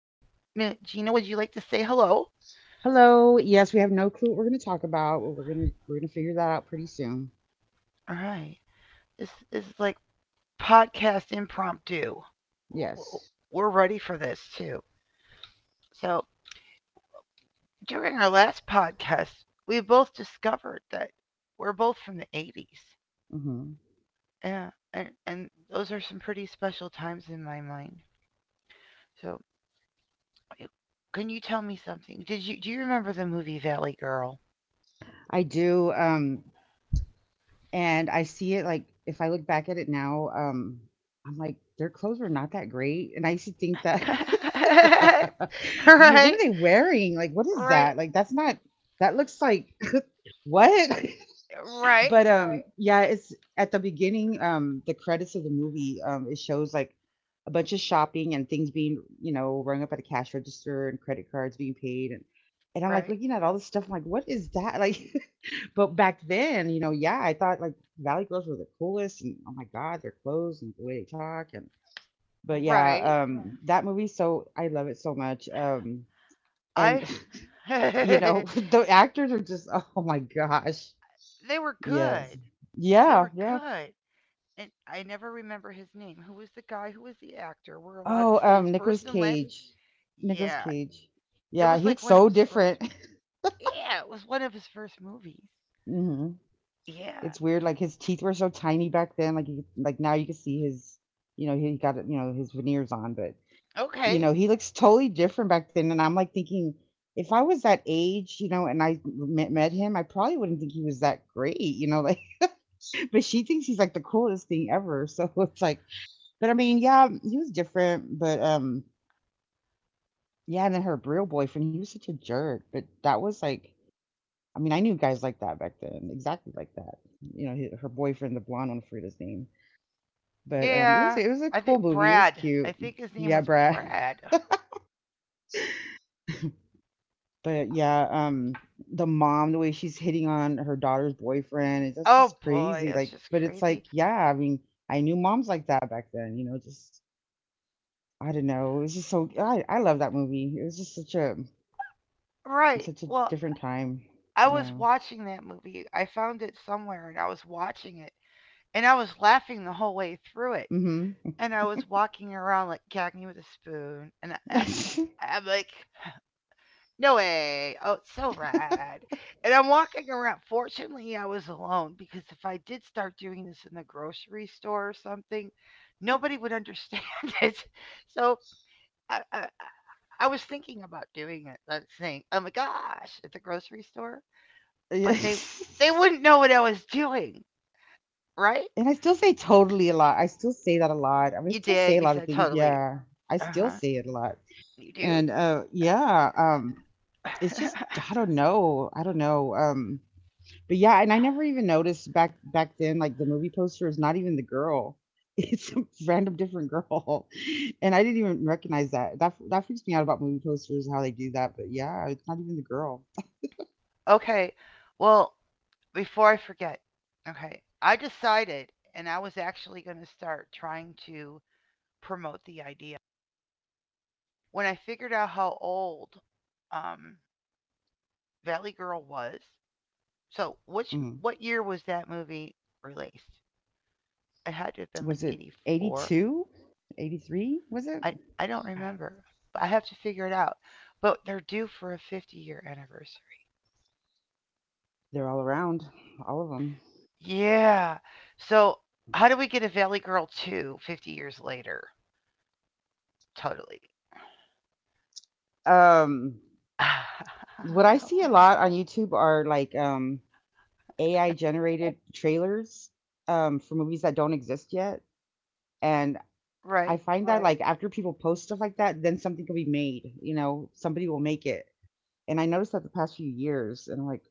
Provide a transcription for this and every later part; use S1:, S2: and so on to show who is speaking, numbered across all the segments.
S1: Gina, would you like to say hello?
S2: Hello. Yes, we have no clue what we're going to talk about, but we're going to figure that out pretty soon.
S1: All right. This is like podcast impromptu.
S2: Yes.
S1: We're ready for this too. So, during our last podcast, we both discovered that we're both from the 80s.
S2: Hmm.
S1: Yeah, and those are some pretty special times in my mind. So, Eh, Can you tell me something? Did you do you remember the movie Valley Girl?
S2: I do, and I see it, like, if I look back at it now, I'm like, their clothes were not that great. And I used to think that,
S1: right,
S2: I'm like, what
S1: right,
S2: are they wearing? Like, what is
S1: right,
S2: that? Like, that's not, that looks like, what? But right, yeah, it's at the beginning, the credits of the movie, it shows like a bunch of shopping and things being, you know, rung up at the cash register and credit cards being paid. And I'm like
S1: right,
S2: looking at all this stuff, I'm like, what is that? Like, but back then, you know, yeah, I thought like Valley Girls were the coolest, and oh my God, their clothes and the way they talk. And but yeah,
S1: right.
S2: right, that movie, so I love it so much, and
S1: I—
S2: the actors are just, oh my gosh,
S1: they were
S2: yes,
S1: good. They
S2: yeah,
S1: were
S2: yeah.
S1: good. And I never remember his name. Who was the guy? Who was the actor? We're allowed to
S2: Oh,
S1: say his
S2: Nicolas
S1: first and last.
S2: Cage. Nicolas
S1: Yeah,
S2: Cage.
S1: it
S2: Yeah,
S1: was
S2: he
S1: like
S2: looks
S1: one of
S2: so
S1: his first.
S2: different.
S1: Yeah, it was one of his first movies.
S2: Hmm.
S1: Yeah.
S2: It's weird. Like, his teeth were so tiny back then. Like, you, like now you can see his, he got his veneers on, but you
S1: Okay.
S2: know he looks totally different back then. And I'm like thinking, if I was that age, you know, and I met him, I probably wouldn't think he was that great, you know. Like, but she thinks he's like the coolest thing ever. So it's like, but I mean, yeah, he was different, but yeah. And then her real boyfriend, he was such a jerk. But that was like, I mean, I knew guys like that back then, exactly like that. You know, he, her boyfriend, the blonde one, I forget his name. But it was
S1: Yeah.
S2: it was a
S1: I
S2: cool
S1: think
S2: movie. It was
S1: Brad. I
S2: cute.
S1: think his name
S2: Yeah,
S1: was
S2: Brad.
S1: Brad.
S2: But yeah, the mom, the way she's hitting on her daughter's boyfriend, it's, that's
S1: Oh
S2: just
S1: boy,
S2: crazy.
S1: that's
S2: Like,
S1: just
S2: but it's
S1: crazy.
S2: like, yeah, I mean, I knew moms like that back then. You know, just I don't know. It was just so I love that movie. It was just such a
S1: Right.
S2: such a
S1: Well,
S2: different time.
S1: I was
S2: Yeah.
S1: watching that movie. I found it somewhere and I was watching it and I was laughing the whole way through it.
S2: Mm-hmm.
S1: And I was walking around like gagging with a spoon and I'm like, no way. Oh, it's so rad. And I'm walking around. Fortunately, I was alone because if I did start doing this in the grocery store or something, nobody would understand it. So I, I, I was thinking about doing it, that thing. Oh my gosh, at the grocery store, but they
S2: Yes.
S1: wouldn't know what I was doing, right?
S2: And I still say totally a lot. I still say that a lot. I mean, I
S1: You
S2: still say
S1: did.
S2: a
S1: You
S2: lot of
S1: said
S2: things.
S1: totally.
S2: Yeah, I
S1: Uh
S2: still
S1: huh.
S2: say it a lot.
S1: You do.
S2: And yeah, it's just I don't know. I don't know. But yeah, and I never even noticed back then, like the movie poster is not even the girl. It's a random different girl. And I didn't even recognize that. That that freaks me out about movie posters, how they do that. But yeah, it's not even the girl.
S1: okay. Well, before I forget, okay, I decided, and I was actually going to start trying to promote the idea when I figured out how old um, Valley Girl was. So, which
S2: Mhm.
S1: what year was that movie released? It had to have been
S2: Was
S1: like
S2: it
S1: 84.
S2: 82, 83? Was it?
S1: I don't remember. I have to figure it out. But they're due for a 50-year anniversary.
S2: They're all around, all of them.
S1: Yeah. So how do we get a Valley Girl 2 50 years later? Totally.
S2: um what I see a lot on YouTube are like, AI generated trailers, for movies that don't exist yet. And
S1: right.
S2: I find that, right, like after people post stuff like that, then something can be made, you know, somebody will make it. And I noticed that the past few years, and I'm like,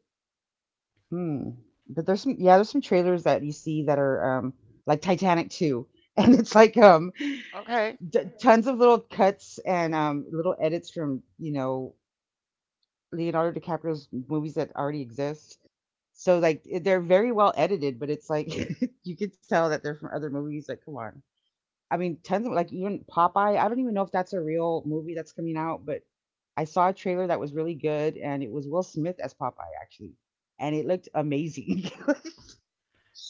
S2: hmm. But there's some, yeah, there's some trailers that you see that are like Titanic 2, and it's like,
S1: Okay.
S2: tons of little cuts and little edits from, you know, Leonardo DiCaprio's movies that already exist. So like it- they're very well edited, but it's like you could tell that they're from other movies. Like, come on, I mean, tons of like, even Popeye. I don't even know if that's a real movie that's coming out, but I saw a trailer that was really good, and it was Will Smith as Popeye, actually, and it looked amazing.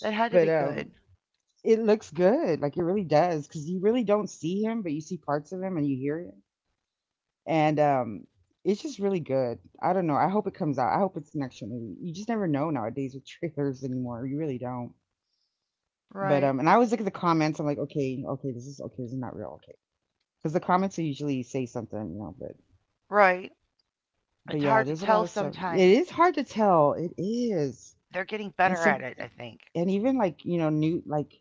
S1: That had to be
S2: But
S1: good.
S2: it looks good, like it really does, because you really don't see him, but you see parts of him and you hear him. And, it's just really good. I don't know, I hope it comes out. I hope it's an actual movie. You just never know nowadays with trailers anymore, you really don't. But,
S1: Right.
S2: and I always look at the comments, I'm like, "Okay, okay, this is not real, okay," because the comments are usually say something, you know,
S1: Right.
S2: but
S1: It's
S2: yeah,
S1: hard to
S2: there's a lot
S1: tell
S2: of stuff. It
S1: sometimes.
S2: is hard to tell, it is.
S1: They're getting
S2: And
S1: better at
S2: some
S1: it, I think.
S2: and even, like, you know, new like,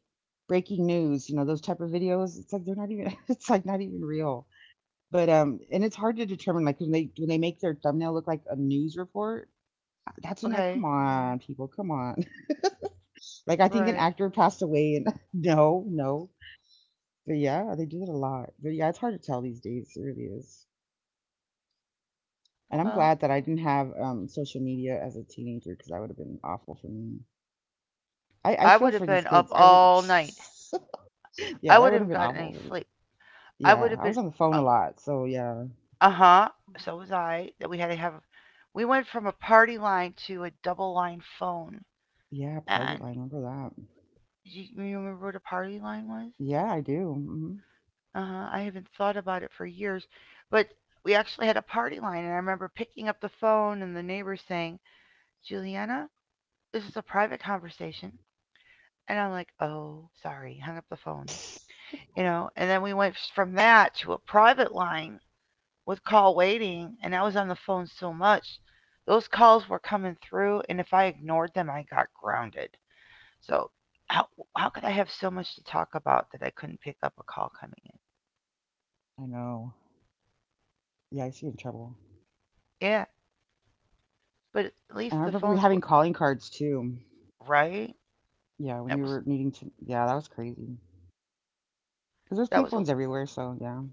S2: breaking news, you know, those type of videos, it's like they're not even it's like not even real. But, and it's hard to determine, like, when they make their thumbnail look like a news report, that's when like,
S1: Okay.
S2: come on, people, come on. Like, I think an
S1: Right.
S2: actor passed away and no, no. But yeah, they do it a lot. But yeah, it's hard to tell these days. It really is. And I'm
S1: Well,
S2: glad that I didn't have social media as a teenager, because that would have been awful for me. I
S1: I
S2: feel
S1: would have
S2: for these
S1: been up
S2: kids. I really
S1: all night.
S2: yeah,
S1: I
S2: that would
S1: wouldn't
S2: have
S1: have
S2: been
S1: gotten
S2: awful
S1: any
S2: for me.
S1: sleep. I
S2: Yeah,
S1: would have
S2: I was
S1: been
S2: on the phone
S1: uh,
S2: a lot, so yeah.
S1: uh huh. So was I. That we had to have. We went from a party line to a double line phone.
S2: Yeah, party
S1: And
S2: line, remember that.
S1: you remember what a party line was?
S2: Yeah, I do. Hmm.
S1: Uh huh. I haven't thought about it for years. But we actually had a party line. And I remember picking up the phone and the neighbor saying, Juliana, this is a private conversation. And I'm like, oh, sorry. Hung up the phone. You know, and then we went from that to a private line with call waiting and I was on the phone so much, those calls were coming through and if I ignored them I got grounded. So how how could I have so much to talk about that I couldn't pick up a call coming
S2: I know. Yeah, I see in trouble.
S1: in? Yeah, but at
S2: And I
S1: least the
S2: remember we
S1: phones were
S2: having calling cards too.
S1: right.
S2: Yeah, when
S1: That
S2: you
S1: was
S2: were needing to, yeah, that was crazy. Cause there's
S1: that was a,
S2: payphones everywhere, so yeah.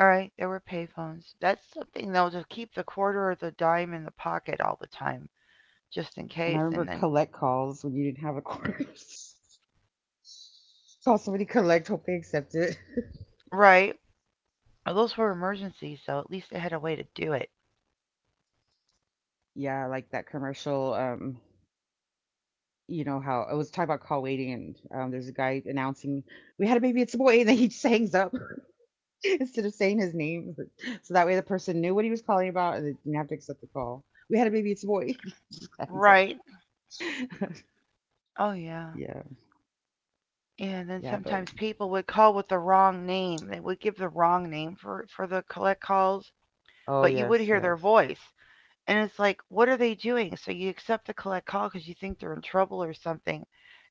S1: all right. There were payphones. That's something though to keep the quarter or the dime in the pocket all the time just in
S2: And I
S1: case
S2: remember
S1: and then
S2: collect calls when you didn't have a quarter. Call somebody collect, hope they accept it.
S1: right. Those were emergencies, so at least they had a way to do it.
S2: Yeah, like that commercial, you know how it was talking about call waiting, and there's a guy announcing, we had a baby, it's a boy, and then he just hangs up instead of saying his name. So that way the person knew what he was calling about and they didn't have to accept the call. We had a baby, it's a boy. He just hangs up.
S1: Right. Oh yeah.
S2: Yeah.
S1: And then
S2: Yeah,
S1: sometimes
S2: but
S1: people would call with the wrong name. They would give the wrong name for, the collect calls,
S2: oh
S1: but you would
S2: yes,
S1: hear their
S2: yes.
S1: voice. And it's like, what are they doing? So you accept the collect call because you think they're in trouble or something.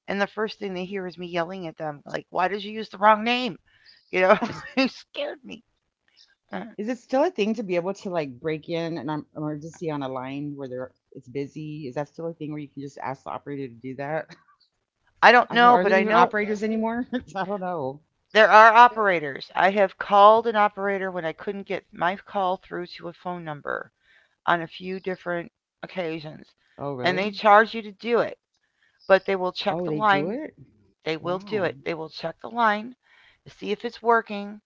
S1: And the first thing they hear is me yelling at them, like, why did you use the wrong name? You know, you scared me. Uh,
S2: Is it still a thing to be able to like break in an emergency on a line where there it's busy? Is that still a thing where you can just ask the operator to do that?
S1: I don't
S2: I don't know.
S1: know,
S2: Are
S1: but
S2: there
S1: I
S2: even
S1: know
S2: operators anymore? I don't know.
S1: there are operators. I have called an operator when I couldn't get my call through to a phone number on a few different occasions,
S2: Oh,
S1: and
S2: really?
S1: they charge you to do it, but they will
S2: Oh,
S1: check the
S2: they do
S1: line.
S2: it?
S1: They will do
S2: Wow.
S1: it. They will check the line, to see if it's working,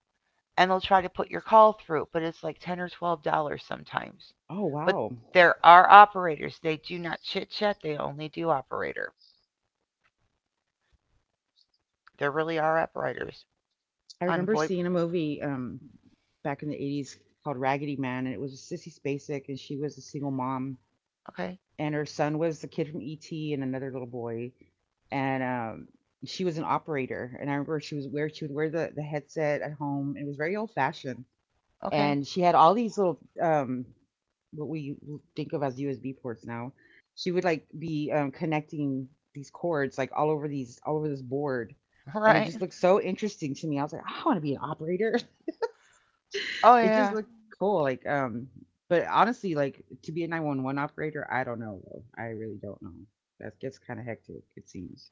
S1: and they'll try to put your call through, but it's like 10 or $12 sometimes.
S2: Oh,
S1: But
S2: wow.
S1: there are operators. They do not chit chat, they only do operator. There really are operators
S2: I
S1: on
S2: remember
S1: VoIP.
S2: seeing a movie back in the 80s called Raggedy Man, and it was Sissy Spacek, and she was a single mom,
S1: Okay.
S2: and her son was the kid from E.T. and another little boy, and, she was an operator, and I remember she was where she would wear the headset at home, it was very old-fashioned,
S1: Okay.
S2: and she had all these little, what we think of as USB ports now. She would, like, be, connecting these cords, like, all over this board,
S1: All
S2: and it
S1: right.
S2: just looked so interesting to me. I was like, "I wanna be an operator."
S1: Oh,
S2: It just
S1: yeah.
S2: looked cool. Like, but honestly, like, to be a 911 operator, I don't know though. I really don't know. That gets kind of hectic, it seems.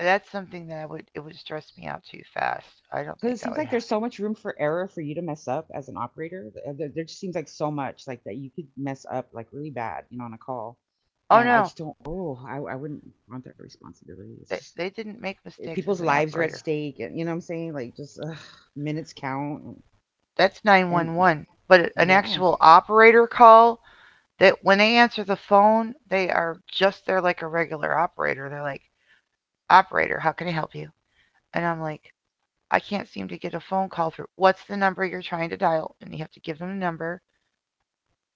S1: That's something that it would stress me out too fast. I don't think
S2: Because it
S1: I
S2: seems
S1: would
S2: like
S1: have.
S2: there's so much room for error for you to mess up as an operator. There just seems like so much like that you could mess up like really bad, you know, on a call.
S1: Oh,
S2: And I
S1: no.
S2: just don't. Oh, I wouldn't want that responsibility. It's
S1: They,
S2: just
S1: they didn't make
S2: it-
S1: mistakes
S2: people's
S1: as an
S2: lives are at
S1: operator.
S2: stake, and you know what I'm saying. Like, just ugh, minutes count,
S1: That's
S2: and right,
S1: 911. But an
S2: yeah.
S1: actual operator call, that when they answer the phone, they are just there like a regular operator. They're like, operator, how can I help you? And I'm like, I can't seem to get a phone call through. What's the number you're trying to dial? And you have to give them a number.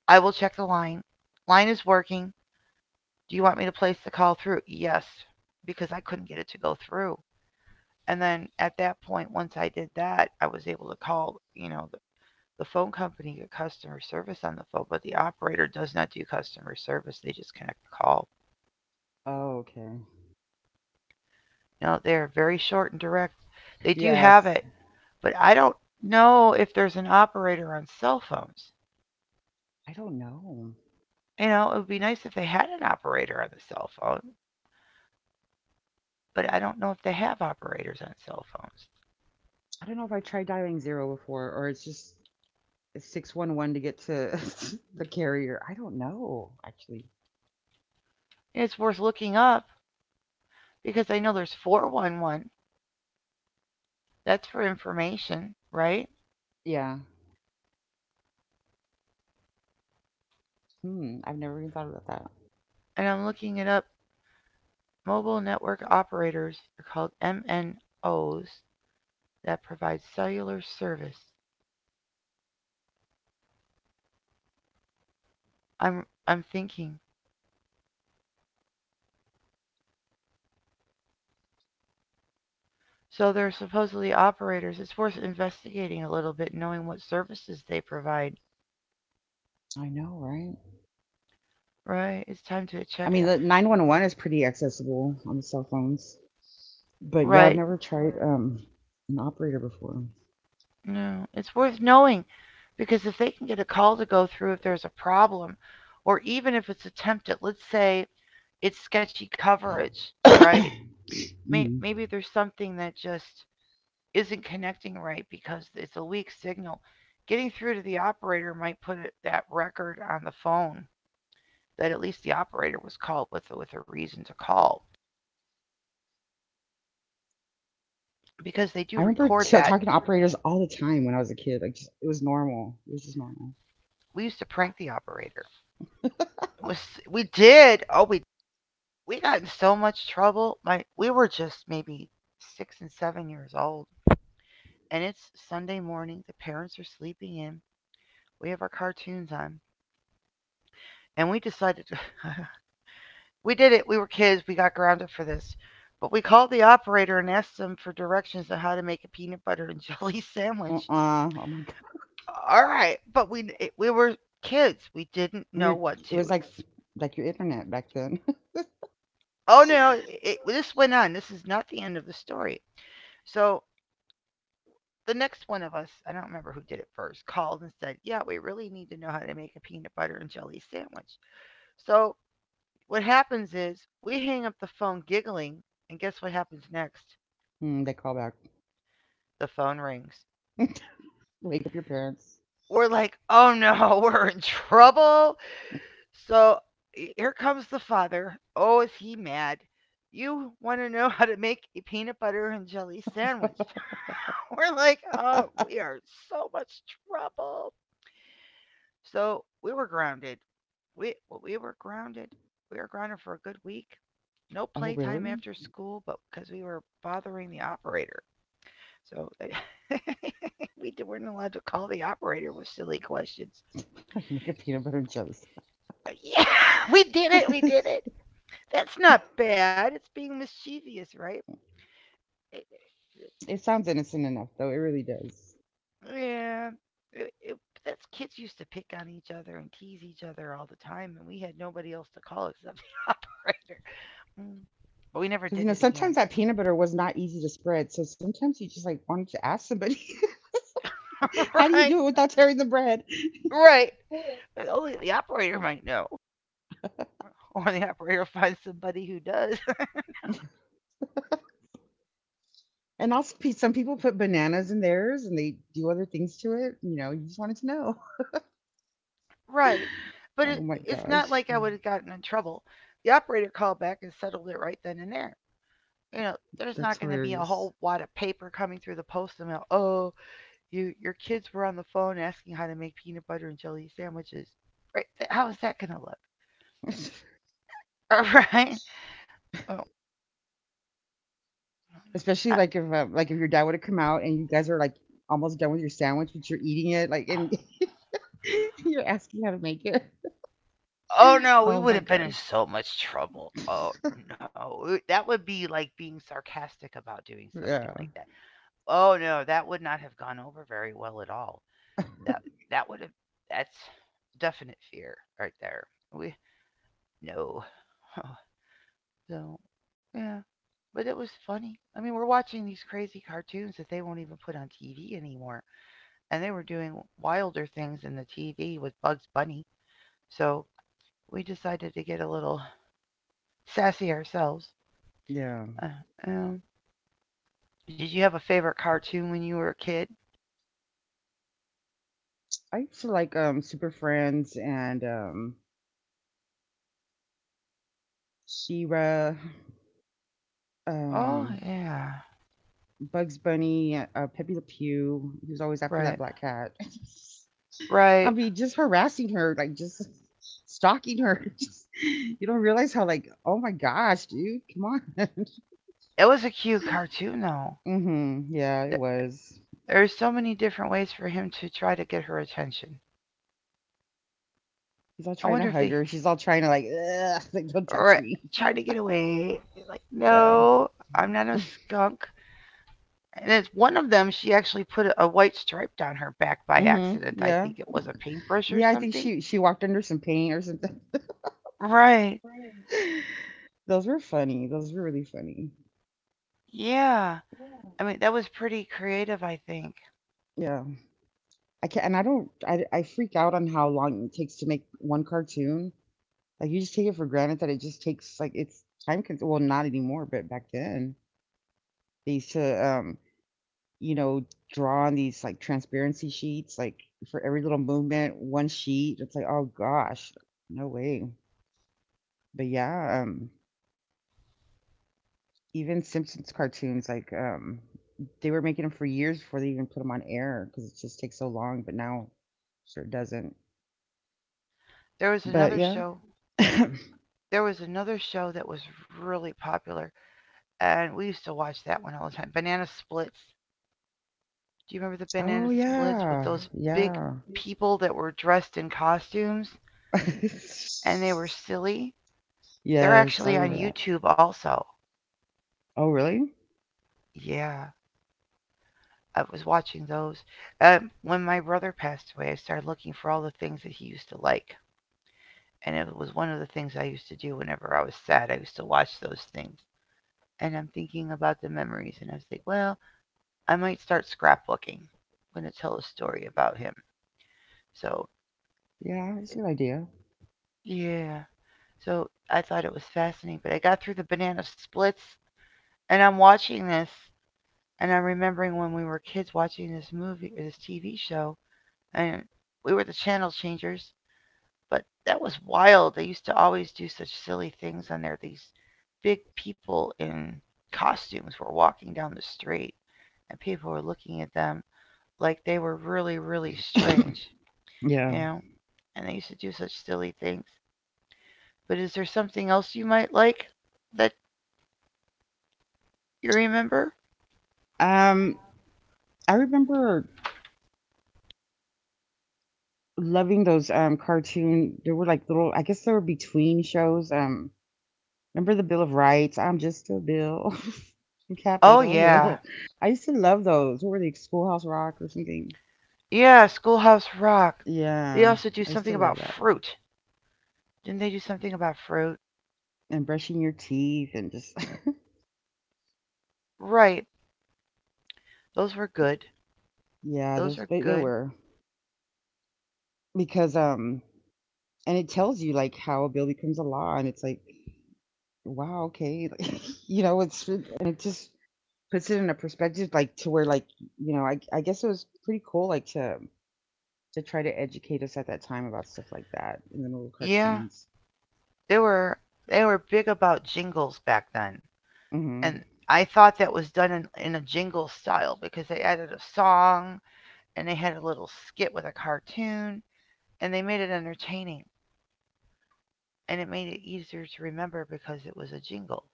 S1: I will check the line. Line is working. Do you want me to place the call through? Yes, because I couldn't get it to go through. And then at that point, once I did that, I was able to call, you know, the phone company, get customer service on the phone, but the operator does not do customer service. They just connect the call.
S2: Oh, okay.
S1: No, they're very short and direct. They do have
S2: Yes.
S1: it, but I don't know if there's an operator on cell phones.
S2: I don't know.
S1: You know, it would be nice if they had an operator on the cell phone, but I don't know if they have operators on cell phones.
S2: I don't know if I tried dialing zero before or it's just 611 to get to the carrier. I don't know actually.
S1: And it's worth looking up because I know there's 411. That's for information, right?
S2: Yeah. Hmm. I've never even thought about that.
S1: And I'm looking it up. Mobile network operators are called MNOs that provides cellular service. I'm thinking. So they're supposedly operators. It's worth investigating a little bit, knowing what services they provide.
S2: I know, right?
S1: Right? It's time to
S2: I
S1: check it
S2: mean,
S1: out.
S2: the 911 is pretty accessible on the cell phones, but yeah, I've
S1: Right?
S2: never tried an operator before.
S1: No, it's worth knowing because if they can get a call to go through if there's a problem, or even if it's attempted, let's say it's sketchy coverage, right?
S2: Mm.
S1: Maybe there's something that just isn't connecting right because it's a weak signal. Getting through to the operator might put that record on the phone that at least the operator was called with a reason to call because they do
S2: I remember
S1: record that.
S2: talking to operators all the time when I was a kid. Like, just, it was normal. It was just normal.
S1: We used to prank the operator. It was— we did? Oh, we got in so much trouble. My— we were just maybe 6 and 7 years old, and it's Sunday morning. The parents are sleeping in. We have our cartoons on, and we decided— we did it. We were kids. We got grounded for this. But we called the operator and asked them for directions on how to make a peanut butter and jelly sandwich.
S2: Uh, oh my god.
S1: All right, but we were kids. We didn't
S2: You're.
S1: know what
S2: It
S1: to
S2: was
S1: ex-
S2: like your internet back then.
S1: Oh no, it, this went on. This is not the end of the story. So the next one of us, I don't remember who did it first, called and said, "Yeah, we really need to know how to make a peanut butter and jelly sandwich." So what happens is we hang up the phone giggling, and guess what happens next?
S2: Mm, they call back.
S1: The phone rings.
S2: Wake up your parents.
S1: We're like, oh no, we're in trouble. So here comes the father. Oh, is he mad? You want to know how to make a peanut butter and jelly sandwich.
S2: Oh,
S1: we're like, oh, we are in so much trouble. So we were grounded. We were grounded. We were grounded for a good week. No playtime
S2: really?
S1: after school, but because we were bothering the operator. So we weren't allowed to call the operator with silly questions.
S2: You make a peanut butter and jelly
S1: Yeah, we did it. We did
S2: sandwich.
S1: it. That's not bad. It's being mischievous, right? It-
S2: It sounds innocent enough, though. It really does.
S1: yeah. It, it, that's— kids used to pick on each other and tease each other all the time, and we had nobody else to call except the operator. Mm. But we never
S2: Because, you
S1: did
S2: know,
S1: it again.
S2: sometimes that peanut butter was not easy to spread. So sometimes you just like wanted to ask somebody, how do you
S1: right.
S2: do it without tearing the bread?
S1: Right. But only the operator might know, or the operator finds somebody who does.
S2: And also, some people put bananas in theirs and they do other things to it. You know, you just wanted to know.
S1: right. But
S2: Oh my
S1: it's not
S2: gosh,
S1: like I would have gotten in trouble. The operator called back and settled it right then and there. You know, there's
S2: that's
S1: not going to be a
S2: hilarious.
S1: whole wad of paper coming through the post and mail. Oh, you— your kids were on the phone asking how to make peanut butter and jelly sandwiches. Right? How is that going to look? All right? Oh,
S2: Especially
S1: I—
S2: like if your dad would have come out and you guys are like almost done with your sandwich, but you're eating it like and you're asking how to make it.
S1: oh no,
S2: Oh
S1: we would
S2: my
S1: have been in
S2: gosh.
S1: so much trouble. Oh no, that would be like being sarcastic about doing something like
S2: Yeah,
S1: that. Oh no, that would not have gone over very well at all. That that would have that's definite fear right there. We— no. Oh, so, yeah. But it was funny. I mean, we're watching these crazy cartoons that they won't even put on TV anymore. And they were doing wilder things in the TV with Bugs Bunny. So we decided to get a little sassy ourselves.
S2: yeah.
S1: Uh, um, did you have a favorite cartoon when you were a kid?
S2: I used to like Super Friends and She-Ra,
S1: Oh,
S2: um
S1: yeah.
S2: Bugs Bunny, Pepe Le Pew. He was always after
S1: Right.
S2: that black cat. I
S1: Right.
S2: mean, just harassing her, like just stalking her. Just, you don't realize how like, oh my gosh, dude, come on.
S1: It was a cute cartoon, though.
S2: Yeah, it was.
S1: There's so many different ways for him to try to get her attention.
S2: He's all
S1: I
S2: trying to
S1: wonder if
S2: hug
S1: they
S2: her. She's all trying to like, ugh, like don't touch
S1: or
S2: me.
S1: Try to get away. Like,
S2: Yeah.
S1: no, I'm not a skunk. And it's one of them, she actually put a white stripe down her back by
S2: Mhm,
S1: accident. I
S2: yeah.
S1: think it was a paintbrush or
S2: Yeah, I think
S1: something.
S2: she walked under some paint or something.
S1: Right.
S2: Those were funny. Those were really funny.
S1: Yeah. I mean, that was pretty creative, I think.
S2: Yeah. I can't, and I don't, I freak out on how long it takes to make one cartoon. Like, you just take it for granted that it just takes, like, it's time cons. Well, not anymore, but back then, they used to, you know, draw on these, like, transparency sheets, like, for every little movement, one sheet. It's like, oh gosh, no way. But yeah, even Simpsons cartoons, like they were making them for years before they even put them on air because it just takes so long. But now, sure doesn't.
S1: There was
S2: But
S1: another
S2: yeah.
S1: show. There was another show that was really popular, and we used to watch that one all the time. Banana Splits. Do you remember the
S2: Oh
S1: Banana Splits with
S2: yeah,
S1: those big
S2: yeah.
S1: people that were dressed in costumes and they were silly? They're
S2: Yes, I
S1: actually on
S2: remember that.
S1: YouTube also.
S2: Oh really?
S1: Yeah, I was watching those. When my brother passed away, I started looking for all the things that he used to like. And it was one of the things I used to do whenever I was sad. I used to watch those things. And I'm thinking about the memories, and I was like, well, I might start scrapbooking. I'm going to tell a story about him. So,
S2: Yeah, that's a good
S1: it-
S2: idea.
S1: yeah. So I thought it was fascinating. But I got through the banana splits, and I'm watching this, and I'm remembering when we were kids watching this movie, this TV show, and we were the channel changers. But that was wild. They used to always do such silly things, on there these big people in costumes were walking down the street, and people were looking at them like they were really, really strange,
S2: Yeah.
S1: you know. And they used to do such silly things. But is there something else you might like that you remember?
S2: Um, I remember loving those cartoon. There were like little. I guess they were between shows. Remember the Bill of Rights? I'm just a bill from
S1: Oh
S2: Capitol
S1: yeah,
S2: Hill. I used to love those. What were they? Schoolhouse Rock or something?
S1: yeah, Schoolhouse Rock. They
S2: Yeah,
S1: also do
S2: I used
S1: something
S2: to love
S1: about
S2: that.
S1: fruit. Didn't they do something about fruit?
S2: And brushing your teeth and just
S1: Right. Those were good.
S2: yeah,
S1: Those
S2: those
S1: are
S2: they
S1: good.
S2: were because and it tells you like how a bill becomes a law and it's like wow, okay. Like, you know, it's, and it just puts it in a perspective like to where like you know I guess it was pretty cool like to try to educate us at that time about stuff like that in the little
S1: Yeah,
S2: cartoons.
S1: they were they were big about jingles back then,
S2: Mhm.
S1: and I thought that was done in a jingle style because they added a song and they had a little skit with a cartoon and they made it entertaining and it made it easier to remember because it was a jingle.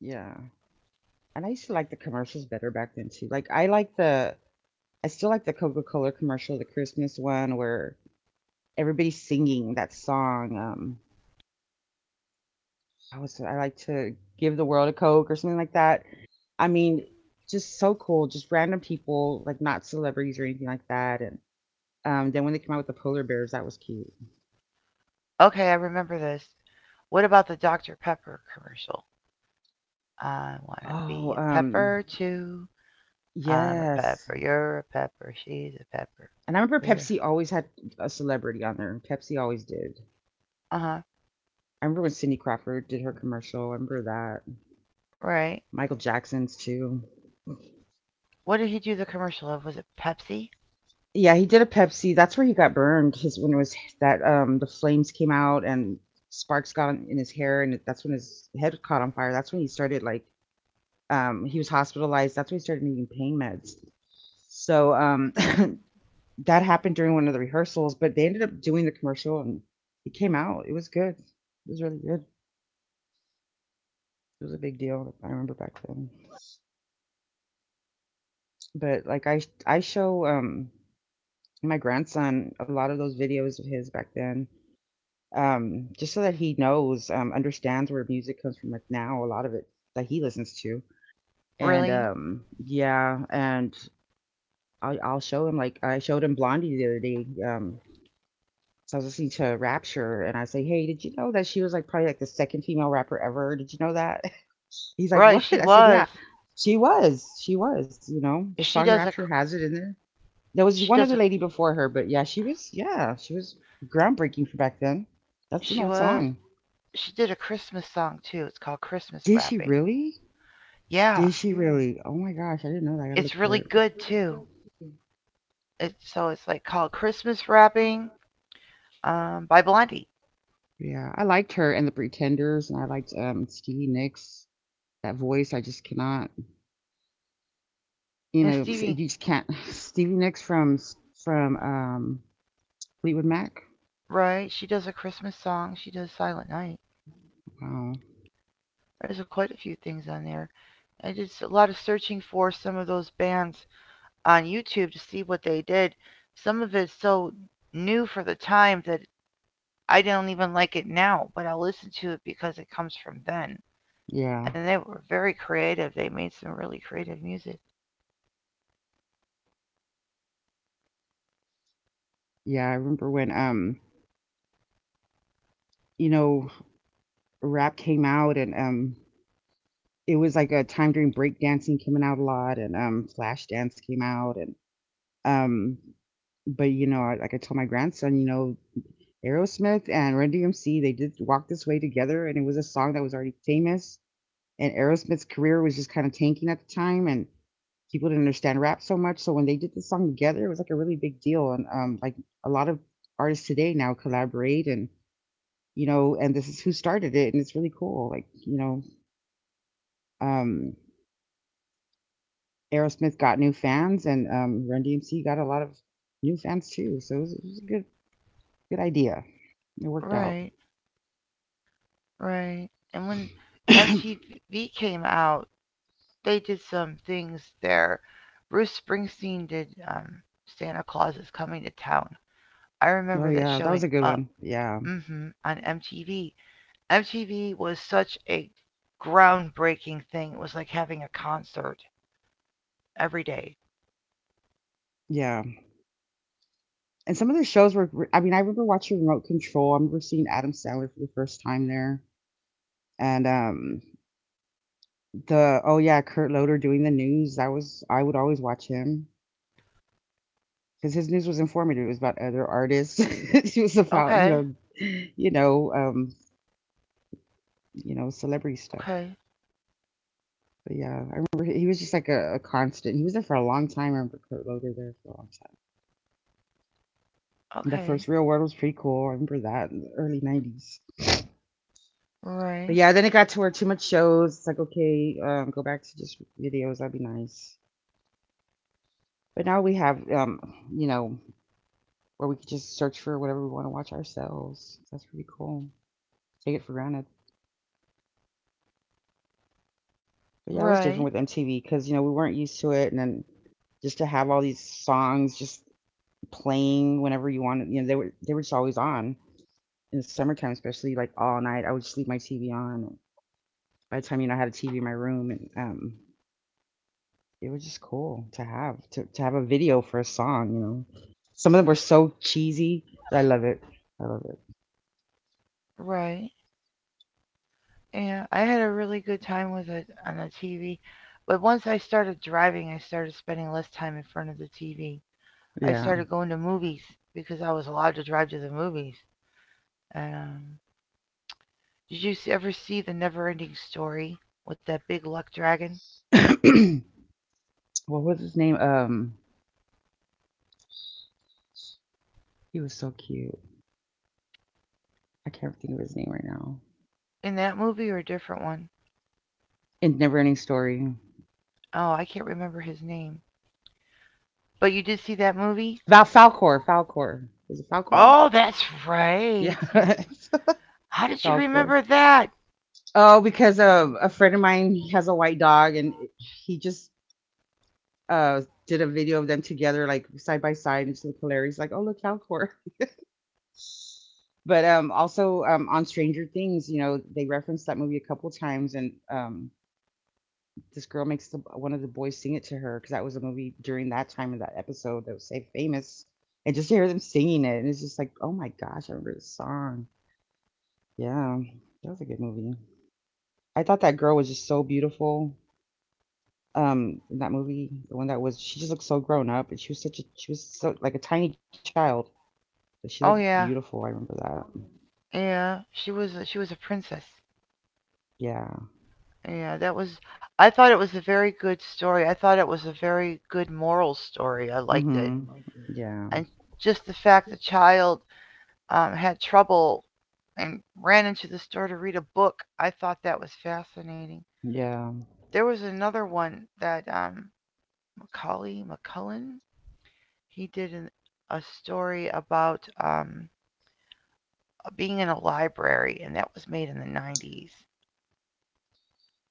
S2: Yeah. And I used to like the commercials better back then too. Like I like the I still like the Coca-Cola commercial, the Christmas one where everybody's singing that song. I like to give the world a Coke or something like that. I mean, just so cool, just random people, like not celebrities or anything like that. And then when they came out with the polar bears, that was cute.
S1: Okay, I remember this. What about the Dr Pepper commercial? I want to be
S2: Oh,
S1: a pepper too. I'm a
S2: yes.
S1: pepper. You're a pepper. She's a pepper.
S2: And I remember
S1: We're,
S2: Pepsi always had a celebrity on there. Pepsi always did.
S1: uh huh.
S2: I remember when Cindy Crawford did her commercial. I remember that.
S1: Right.
S2: Michael Jackson's too.
S1: What did he do the commercial of? Was it Pepsi?
S2: Yeah, he did a Pepsi. That's where he got burned. His When it was that the flames came out and sparks got in his hair and that's when his head caught on fire. That's when he started like he was hospitalized. That's when he started needing pain meds. So that happened during one of the rehearsals, but they ended up doing the commercial and it came out. It was good. It was really good. It was a big deal. I remember back then. But like I show my grandson a lot of those videos of his back then just so that he knows understands where music comes from, like now a lot of it that he listens to, and
S1: Really?
S2: yeah. And I'll show him, like I showed him Blondie the other day. So I was listening to Rapture and I say, hey, did you know that she was like probably like the second female rapper ever? Did you know that? He's like,
S1: Right,
S2: what?
S1: she
S2: I said, yeah,
S1: was.
S2: she was you know the song
S1: She does a.
S2: Rapture has it in there. There was
S1: She
S2: one
S1: does
S2: other
S1: a.
S2: lady before her, but yeah, she was groundbreaking for back then. That's an
S1: She
S2: old
S1: was.
S2: song.
S1: She did a Christmas song too. It's called Christmas
S2: Did she
S1: Rapping.
S2: really?
S1: Yeah,
S2: Did she really? Oh my gosh, I didn't know that. I gotta
S1: it's
S2: look for
S1: really good too.
S2: it.
S1: It's called Christmas Rapping, by Blondie
S2: Yeah, I liked her and the Pretenders, and I liked Stevie Nicks. That voice, I just cannot. You
S1: and
S2: know, you
S1: Stevie.
S2: just can't. Stevie Nicks from from um, Fleetwood Mac.
S1: Right, she does a Christmas song. She does Silent Night.
S2: Wow.
S1: There's quite a few things on there. I did a lot of searching for some of those bands on YouTube to see what they did. Some of it's so new for the time that I don't even like it now, but I'll listen to it because it comes from then.
S2: Yeah,
S1: And they were very creative. They made some really creative music.
S2: yeah. I remember when you know, rap came out, and it was like a time during break dancing coming out a lot, and, flash dance came out, and, um but, you know, I told my grandson, you know, Aerosmith and Run DMC, they did Walk This Way together, and it was a song that was already famous, and Aerosmith's career was just kinda tanking at the time, and people didn't understand rap so much, so when they did this song together, it was, like, a really big deal, and, like, a lot of artists today now collaborate and, you know, and this is who started it, and it's really cool, like, you know, um Aerosmith got new fans, and Run DMC got a lot of new fans too. So it was a good idea. It worked out.
S1: Right, right. And when
S2: oh
S1: MTV came out, they did some things there. Bruce Springsteen did Santa Claus is Coming to Town. I remember that
S2: yeah, that was
S1: showing
S2: a good
S1: up
S2: one. Yeah,
S1: on MTV. MTV was such a groundbreaking thing. It was like having a concert every day.
S2: yeah. And some of the shows were. I mean, I remember watching Remote Control. I remember seeing Adam Sandler for the first time there, and the oh yeah, Kurt Loder doing the news. That was I would always watch him because his news was informative. It was about other artists. It was about you
S1: Okay,
S2: know, you know, you know, celebrity stuff.
S1: okay,
S2: But yeah, I remember he was just like a constant. He was there for a long time. I remember Kurt Loder there for a long time. And the
S1: okay,
S2: first Real World was pretty cool. I remember that in the early '90s. But
S1: right,
S2: yeah, then it got to where too much shows. It's like okay, go back to just videos. That'd be nice. But now we have, you know, where we could just search for whatever we want to watch ourselves. That's pretty cool. Take it for granted. But yeah, it was
S1: right,
S2: different with MTV because you know we weren't used to it, and then just to have all these songs just playing whenever you wanted. You know, they were just always on in the summertime, especially like all night. I would just leave my TV on. By the time you know, I had a TV in my room, and it was just cool to have a video for a song. You know, some of them were so cheesy, but I love it. I love it.
S1: right. Yeah, I had a really good time with it on the TV. But once I started driving, I started spending less time in front of the TV. I
S2: Yeah.
S1: started going to movies because I was allowed to drive to the movies. And, did you ever see The Neverending Story with that big luck dragon?
S2: What was his name? He was so cute. I can't think of his name right now.
S1: In that movie or a different one?
S2: In Never Ending Story.
S1: Oh, I can't remember his name. But you did see that movie?
S2: Val Falcor. Falcor. Is it Falcor?
S1: Oh, that's
S2: Yeah.
S1: right. You How did you
S2: Falcor.
S1: remember that?
S2: Oh, because a friend of mine has a white dog, and he just did a video of them together, like side by side, and it's look hilarious. Like, oh look, Falcor. But also on Stranger Things, you know, they referenced that movie a couple times, and this girl makes the, one of the boys sing it to her because that was a movie during that time of that episode that was so famous. And just to hear them singing it, and it's just like, oh my gosh, I remember this song. Yeah, that was a good movie. I thought that girl was just so beautiful in that movie, the one that was she just looked so grown up, and she was so like a tiny child but she looked
S1: Oh yeah.
S2: beautiful. I remember that.
S1: Yeah, she was she was a princess.
S2: Yeah.
S1: Yeah, that was I thought it was a very good story. I thought it was a very good moral story. I liked it.
S2: Mm-hmm. Yeah.
S1: And just the fact the child had trouble and ran into the store to read a book, I thought that was fascinating.
S2: Yeah,
S1: There was another one that Macaulay McCullen he did a story about being in a library, and that was made in the 90s.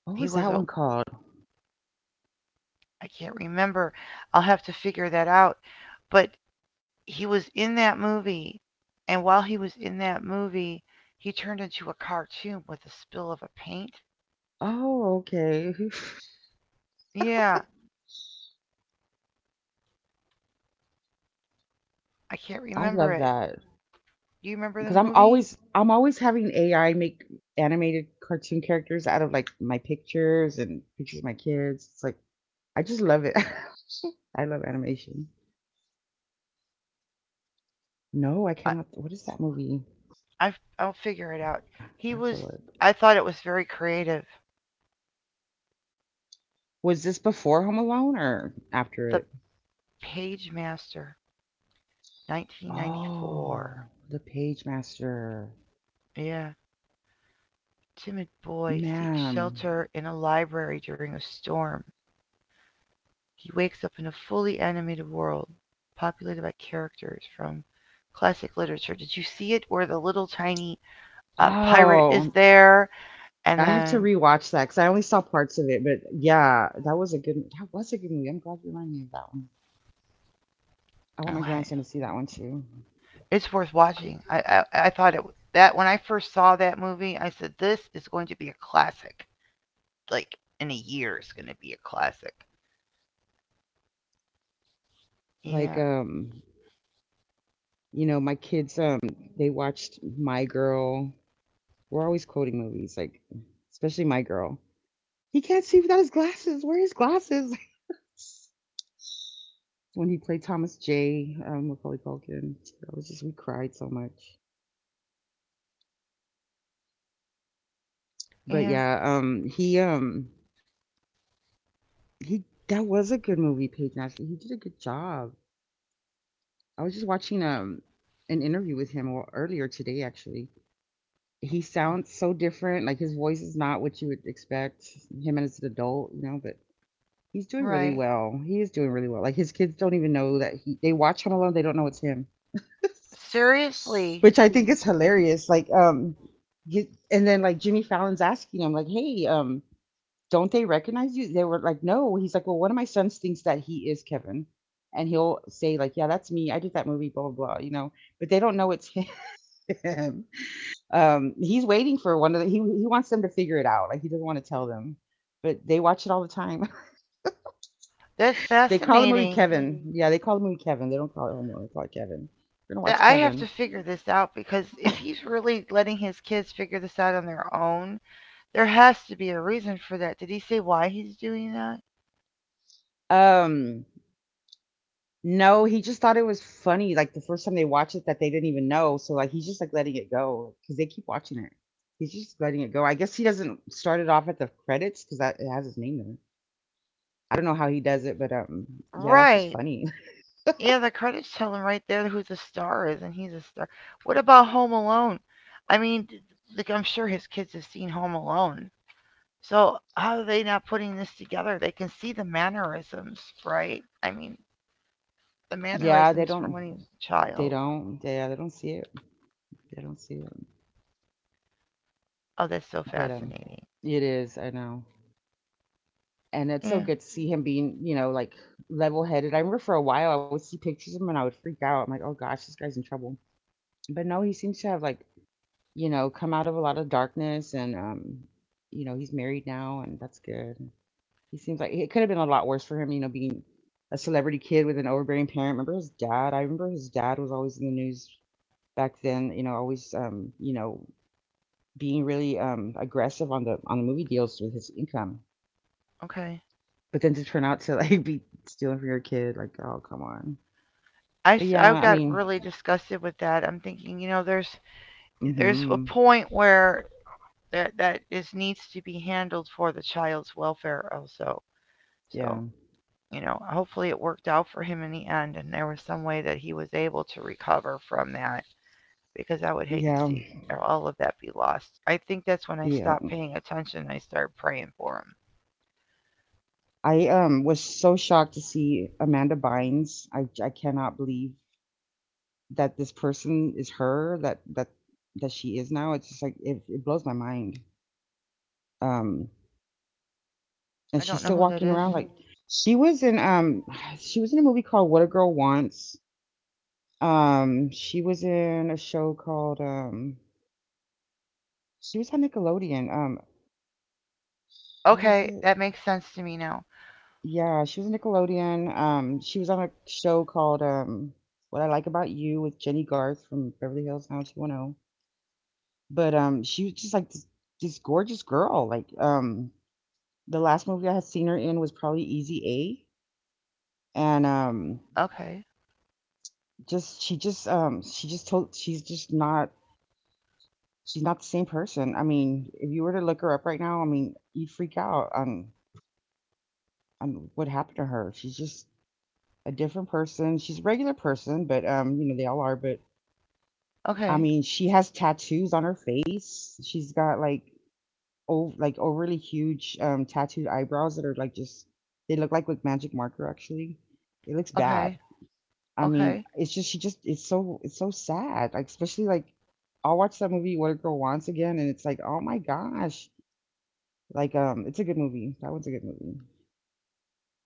S2: what
S1: He
S2: was
S1: was
S2: that
S1: a,
S2: one called?
S1: I can't remember. I'll have to figure that out. But he was in that movie, and while he was in that movie, he turned into a cartoon with a spill of a paint.
S2: Oh okay.
S1: Yeah, I can't
S2: I
S1: remember
S2: love
S1: it.
S2: that
S1: Do you remember the
S2: because
S1: movie?
S2: I'm always having AI make animated cartoon characters out of like my pictures and pictures of my kids. It's like I just love it. I love animation. No, I
S1: I,
S2: cannot. What is that movie?
S1: I'll figure it out. He
S2: I have to
S1: was.
S2: look.
S1: I thought it was very creative.
S2: Was this before Home Alone or after
S1: The
S2: it?
S1: Page Master. 1994.
S2: Oh, The Page Master.
S1: Yeah. Timid boy
S2: Man.
S1: seeks shelter in a library during a storm. He wakes up in a fully animated world populated by characters from classic literature. Did you see it where the little tiny pirate is
S2: Oh,
S1: there? And
S2: I have to
S1: then,
S2: rewatch that because I only saw parts of it. But yeah, that was a good that was a good movie. I'm glad you reminded me of that one. I want my
S1: okay,
S2: grandson to see that one too.
S1: it's worth watching. I thought it that when I first saw that movie, I said this is going to be a classic. Like in a year, it's going to be a classic. Yeah,
S2: Like you know, my kids they watched My Girl. We're always quoting movies, like especially My Girl. He can't see without his glasses. Where are his glasses? When he played Thomas J. Macaulay Culkin. That was just we cried so much. But
S1: yeah,
S2: yeah, he that was a good movie, Peyton. Actually, he did a good job. I was just watching an interview with him, well, earlier today. Actually, he
S1: oh,
S2: sounds so different. Like, his voice is not what you would expect him as an adult, you know. But he's doing really
S1: right.
S2: well. He is doing really well. Like, his kids don't even know that he. They watch Home Alone. They don't know it's him,
S1: Seriously,
S2: which I think is hilarious. Like, he, and then like Jimmy Fallon's asking him, like, "Hey, don't they recognize you?" They were like, "No." He's like, "Well, one of my sons thinks that he is Kevin," and he'll say like, "Yeah, that's me. I did that movie, blah blah blah," you know, but they don't know it's him. He's waiting for one of the. He wants them to figure it out. Like, he doesn't want to tell them. But they watch it all the time.
S1: that's
S2: They call the movie
S1: fascinating.
S2: Kevin. Mm. Yeah, they call the movie Kevin. They don't call it Homo. They call it Kevin. We're gonna
S1: That
S2: watch
S1: I have
S2: Kevin.
S1: to figure this out because if he's really letting his kids figure this out on their own, there has to be a reason for that. Did he say why he's doing that?
S2: Um, No, he just thought it was funny, like, the first time they watched it that they didn't even know, so, like, he's just, like, letting it go because they keep watching it. He's just letting it go. I guess he doesn't start it off at the credits because that it has his name there. I don't know how he does it, but, yeah, that's just funny.
S1: Right. Yeah, the credits tell him right there who the star is, and he's a star. What about Home Alone? I mean, like I'm sure his kids have seen Home Alone. So how are they not putting this together? They can see the mannerisms, right? I mean, the
S2: Yeah, they
S1: mannerisms from
S2: don't
S1: when he was a
S2: they
S1: child.
S2: don't they, yeah, they don't see it. They don't see it.
S1: Oh, that's so
S2: But,
S1: fascinating.
S2: it is, I know. And it's so
S1: Yeah.
S2: good to see him being, you know, like, level-headed. I remember for a while, I would see pictures of him and I would freak out. I'm like, "Oh gosh, this guy's in trouble." But no, he seems to have, like, you know, come out of a lot of darkness and, you know, he's married now and that's good. He seems like it could have been a lot worse for him, you know, being a celebrity kid with an overbearing parent. Remember his dad? I remember his dad was always in the news back then, you know, always, you know, being really aggressive on the movie deals with his income.
S1: Okay.
S2: But then to turn out to like be stealing from your kid, like, oh come on. But yeah,
S1: I
S2: I
S1: got
S2: mean,
S1: really disgusted with that. I'm thinking, you know, there's a
S2: mhm.
S1: point where that is needs to be handled for the child's welfare also. So,
S2: Yeah.
S1: you know, hopefully it worked out for him in the end, and there was some way that he was able to recover from that because I would hate to
S2: Yeah.
S1: see all of that be lost. I think that's when I
S2: Yeah.
S1: stopped paying attention. I started praying for him.
S2: I was so shocked to see Amanda Bynes. I cannot believe that this person is her, that she is now. It's just like, it blows my mind. Um, and
S1: I don't
S2: she's
S1: know
S2: still
S1: who that
S2: walking
S1: is.
S2: around like, she was in she was in a movie called What a Girl Wants. She was in a show called she was on Nickelodeon. What was
S1: Okay,
S2: it?
S1: that makes sense to me now.
S2: Yeah, she was a Nickelodeon. She was on a show called "What I Like About You" with Jenny Garth from Beverly Hills 90210. But she was just like this gorgeous girl. Like, the last movie I had seen her in was probably Easy A, and,
S1: Okay.
S2: just she's just not, she's not the same person. I mean, if you were to look her up right now, I mean, you'd freak out on what happened to her. She's just a different person. She's a regular person, but, you know, they all are, but I
S1: Okay.
S2: mean, she has tattoos on her face. She's got like, oh, like, overly huge tattooed eyebrows that are like just, they look like with magic marker actually. It looks
S1: Okay,
S2: bad. I mean,
S1: okay.
S2: it's just, she just it's so, it's so sad. Like, especially like, I'll watch that movie What a Girl Wants again and it's like, "Oh my gosh." Like, it's a good movie. That one's a good movie.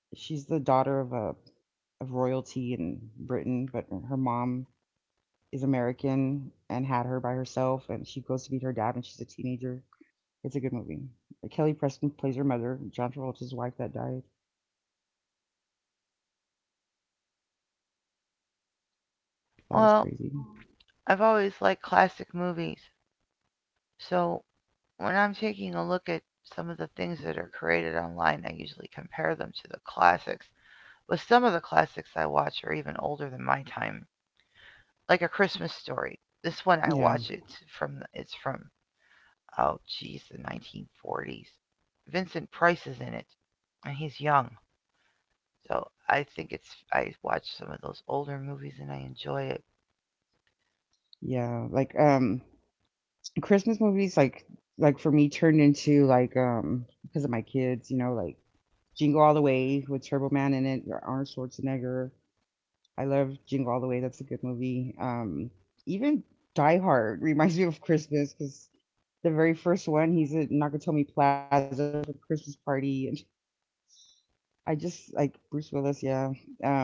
S2: She's the daughter of a of royalty in Britain, but her mom is American and had her by herself, and she goes to meet her dad when she's a teenager. It's a good movie. Like, Kelly Preston plays her mother, John Travolta's wife that died. That was
S1: Well,
S2: crazy.
S1: I've always liked classic movies, so when I'm taking a look at some of the things that are created online, I usually compare them to the classics. But some of the classics I watch are even older than my time, like A Christmas Story. This one I watch
S2: Yeah,
S1: it's from it's from oh geez the 1940s. Vincent Price is in it, and he's young, so I think it's I watch some of those older movies and I enjoy it.
S2: yeah. Like, Christmas movies, like for me, turned into like because of my kids, you know, like Jingle All the Way with Turbo Man in it, or Arnold Schwarzenegger, I love Jingle All the Way. That's a good movie. Even Die Hard reminds me of Christmas because the very first one, he's at Nakatomi Plaza for the Christmas party, and I just like Bruce Willis. Yeah, um,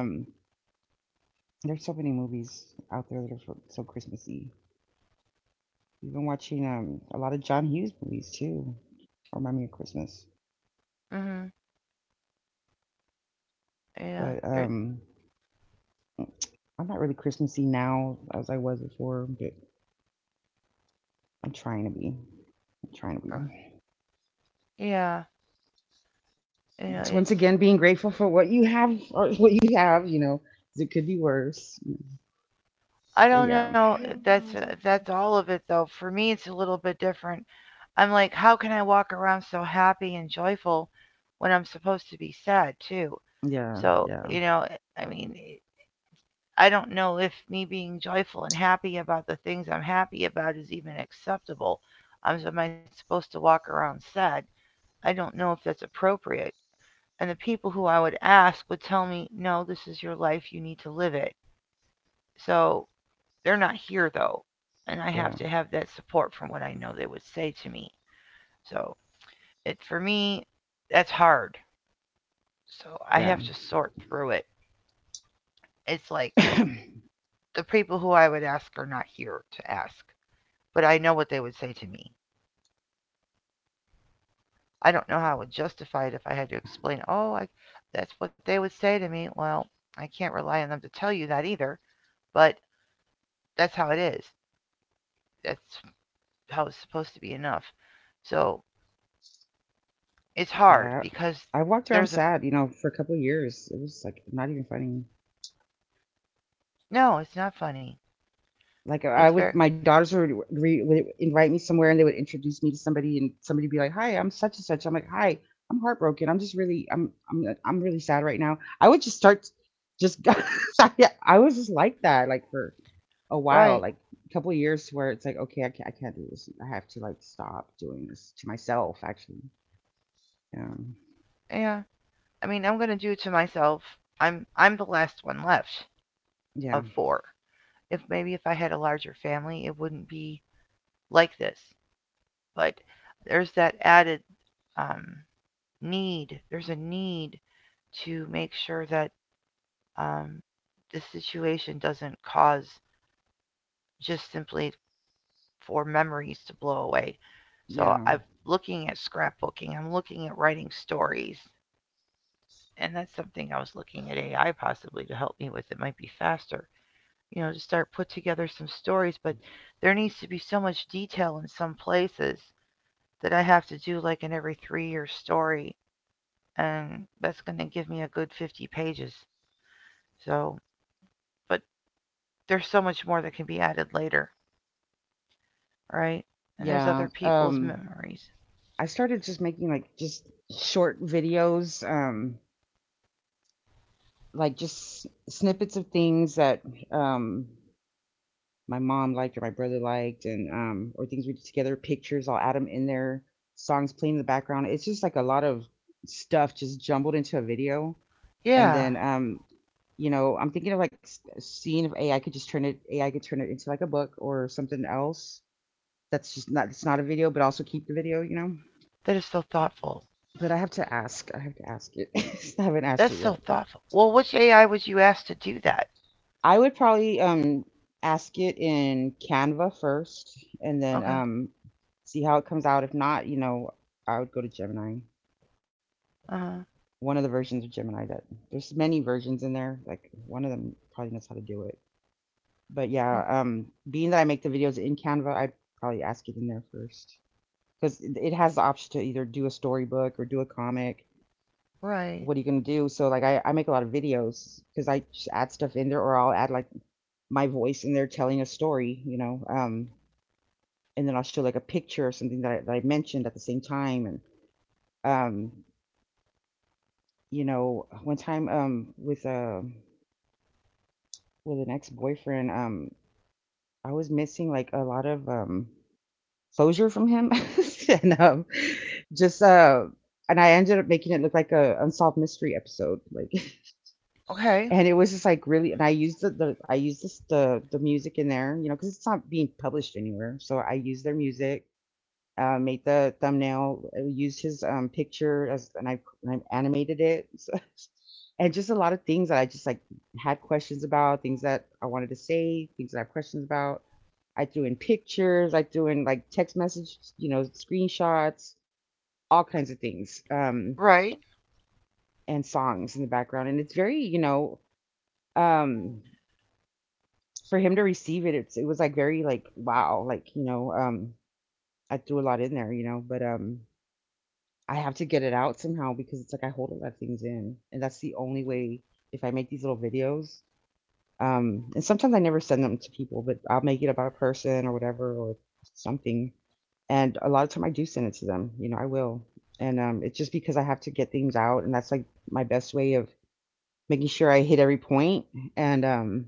S2: there's so many movies out there that are so, so Christmassy. Even watching a lot of John Hughes movies too, remind me of Christmas.
S1: Mhm. Yeah.
S2: But I'm not really Christmassy now as I was before, but I'm trying to be. I'm trying to be.
S1: Yeah, you know, it's
S2: It's once again being grateful for what you have or what you have, you know, 'cause it could be worse.
S1: I don't
S2: Yeah,
S1: know if that's all of it though. For me, it's a little bit different. I'm like, how can I walk around so happy and joyful when I'm supposed to be sad too?
S2: yeah,
S1: So,
S2: yeah,
S1: I don't know if me being joyful and happy about the things I'm happy about is even acceptable. So am I supposed to walk around sad? I don't know if that's appropriate. And the people who I would ask would tell me, no, this is your life. You need to live it. So they're not here though, and I have
S2: yeah,
S1: to have that support from what I know they would say to me. So it for me, that's hard. So I have
S2: yeah.
S1: to sort through it. It's like the people who I would ask are not here to ask, but I know what they would say to me. I don't know how I would justify it if I had to explain, that's what they would say to me. Well, I can't rely on them to tell you that either, but that's how it is. That's how it's supposed to be enough. So it's hard
S2: Yeah.
S1: because
S2: I walked
S1: there's
S2: around
S1: a
S2: sad, you know, for a couple of years. It was like not even funny.
S1: no, it's not funny.
S2: Like,
S1: It's
S2: I
S1: very
S2: would, my daughters would, would invite me somewhere, and they would introduce me to somebody, and somebody would be like, "Hi, I'm such and such." I'm like, "Hi, I'm heartbroken. I'm just really, I'm really sad right now." I would just start, just, yeah, I was just like that, like, for a while,
S1: right.
S2: like a couple of years, where it's like, okay, I can't do this. I have to like stop doing this to myself, actually. Um,
S1: Yeah. I mean, I'm gonna do it to myself. I'm the last one left
S2: yeah,
S1: of four. If maybe if I had a larger family, it wouldn't be like this. But there's that added um, need. There's a need to make sure that um, the situation doesn't cause just simply for memories to blow away. So
S2: yeah,
S1: I'm looking at scrapbooking. I'm looking at writing stories. And that's something I was looking at AI possibly to help me with. It might be faster, to start put together some stories, but there needs to be so much detail in some places that I have to do like an every 3 year story, and that's going to give me a good 50 pages. So, but there's so much more that can be added later, right? And there's
S2: yeah.
S1: other people's memories.
S2: I started just making like just short videos, like just snippets of things that um my mom liked or my brother liked and or things we did together, pictures, I'll add them in there, songs playing in the background. It's just like a lot of stuff just jumbled into a video. And
S1: Yeah,
S2: then, you know, I'm thinking of like, seeing if AI could just turn it AI could turn it into like a book or something else, that's just not, it's not a video, but also keep the video, you know.
S1: that is so thoughtful.
S2: But I have to ask, I have to ask it. I haven't asked
S1: That's
S2: it
S1: so
S2: yet.
S1: thoughtful. Well, which AI was you asked to do that?
S2: I would probably ask it in Canva first, and then
S1: Okay.
S2: see how it comes out. If not, you know, I would go to Gemini.
S1: Uh huh.
S2: One of the versions of Gemini that, there's many versions in there. Like, one of them probably knows how to do it. But yeah, being that I make the videos in Canva, I'd probably ask it in there first. Because it has the option to either do a storybook or do a comic.
S1: Right.
S2: What are you gonna do? So like, I make a lot of videos because I just add stuff in there, or I'll add like my voice in there telling a story, you know. And then I'll show like a picture or something that I mentioned at the same time. And um, you know, one time with an ex boyfriend, I was missing like a lot of closure from him, and just and I ended up making it look like a unsolved mystery episode, like,
S1: Okay.
S2: and it was just like really, and I used the I used this, the music in there, you know, because it's not being published anywhere, so I used their music, made the thumbnail, used his, picture as, and I animated it, so, and just a lot of things that I just like had questions about, things that I wanted to say, things that I have questions about. I threw in pictures, I threw in like text message, you know, screenshots, all kinds of things,
S1: Right.
S2: and songs in the background, and it's very, you know, um, for him to receive it, it was like very like, wow, like, you know, I threw a lot in there, you know, but I have to get it out somehow because it's like I hold a lot of things in. And that's the only way, if I make these little videos, and sometimes I never send them to people, but I'll make it about a person or whatever or something. And a lot of time I do send it to them, you know, I will. And it's just because I have to get things out, and that's like my best way of making sure I hit every point. And um,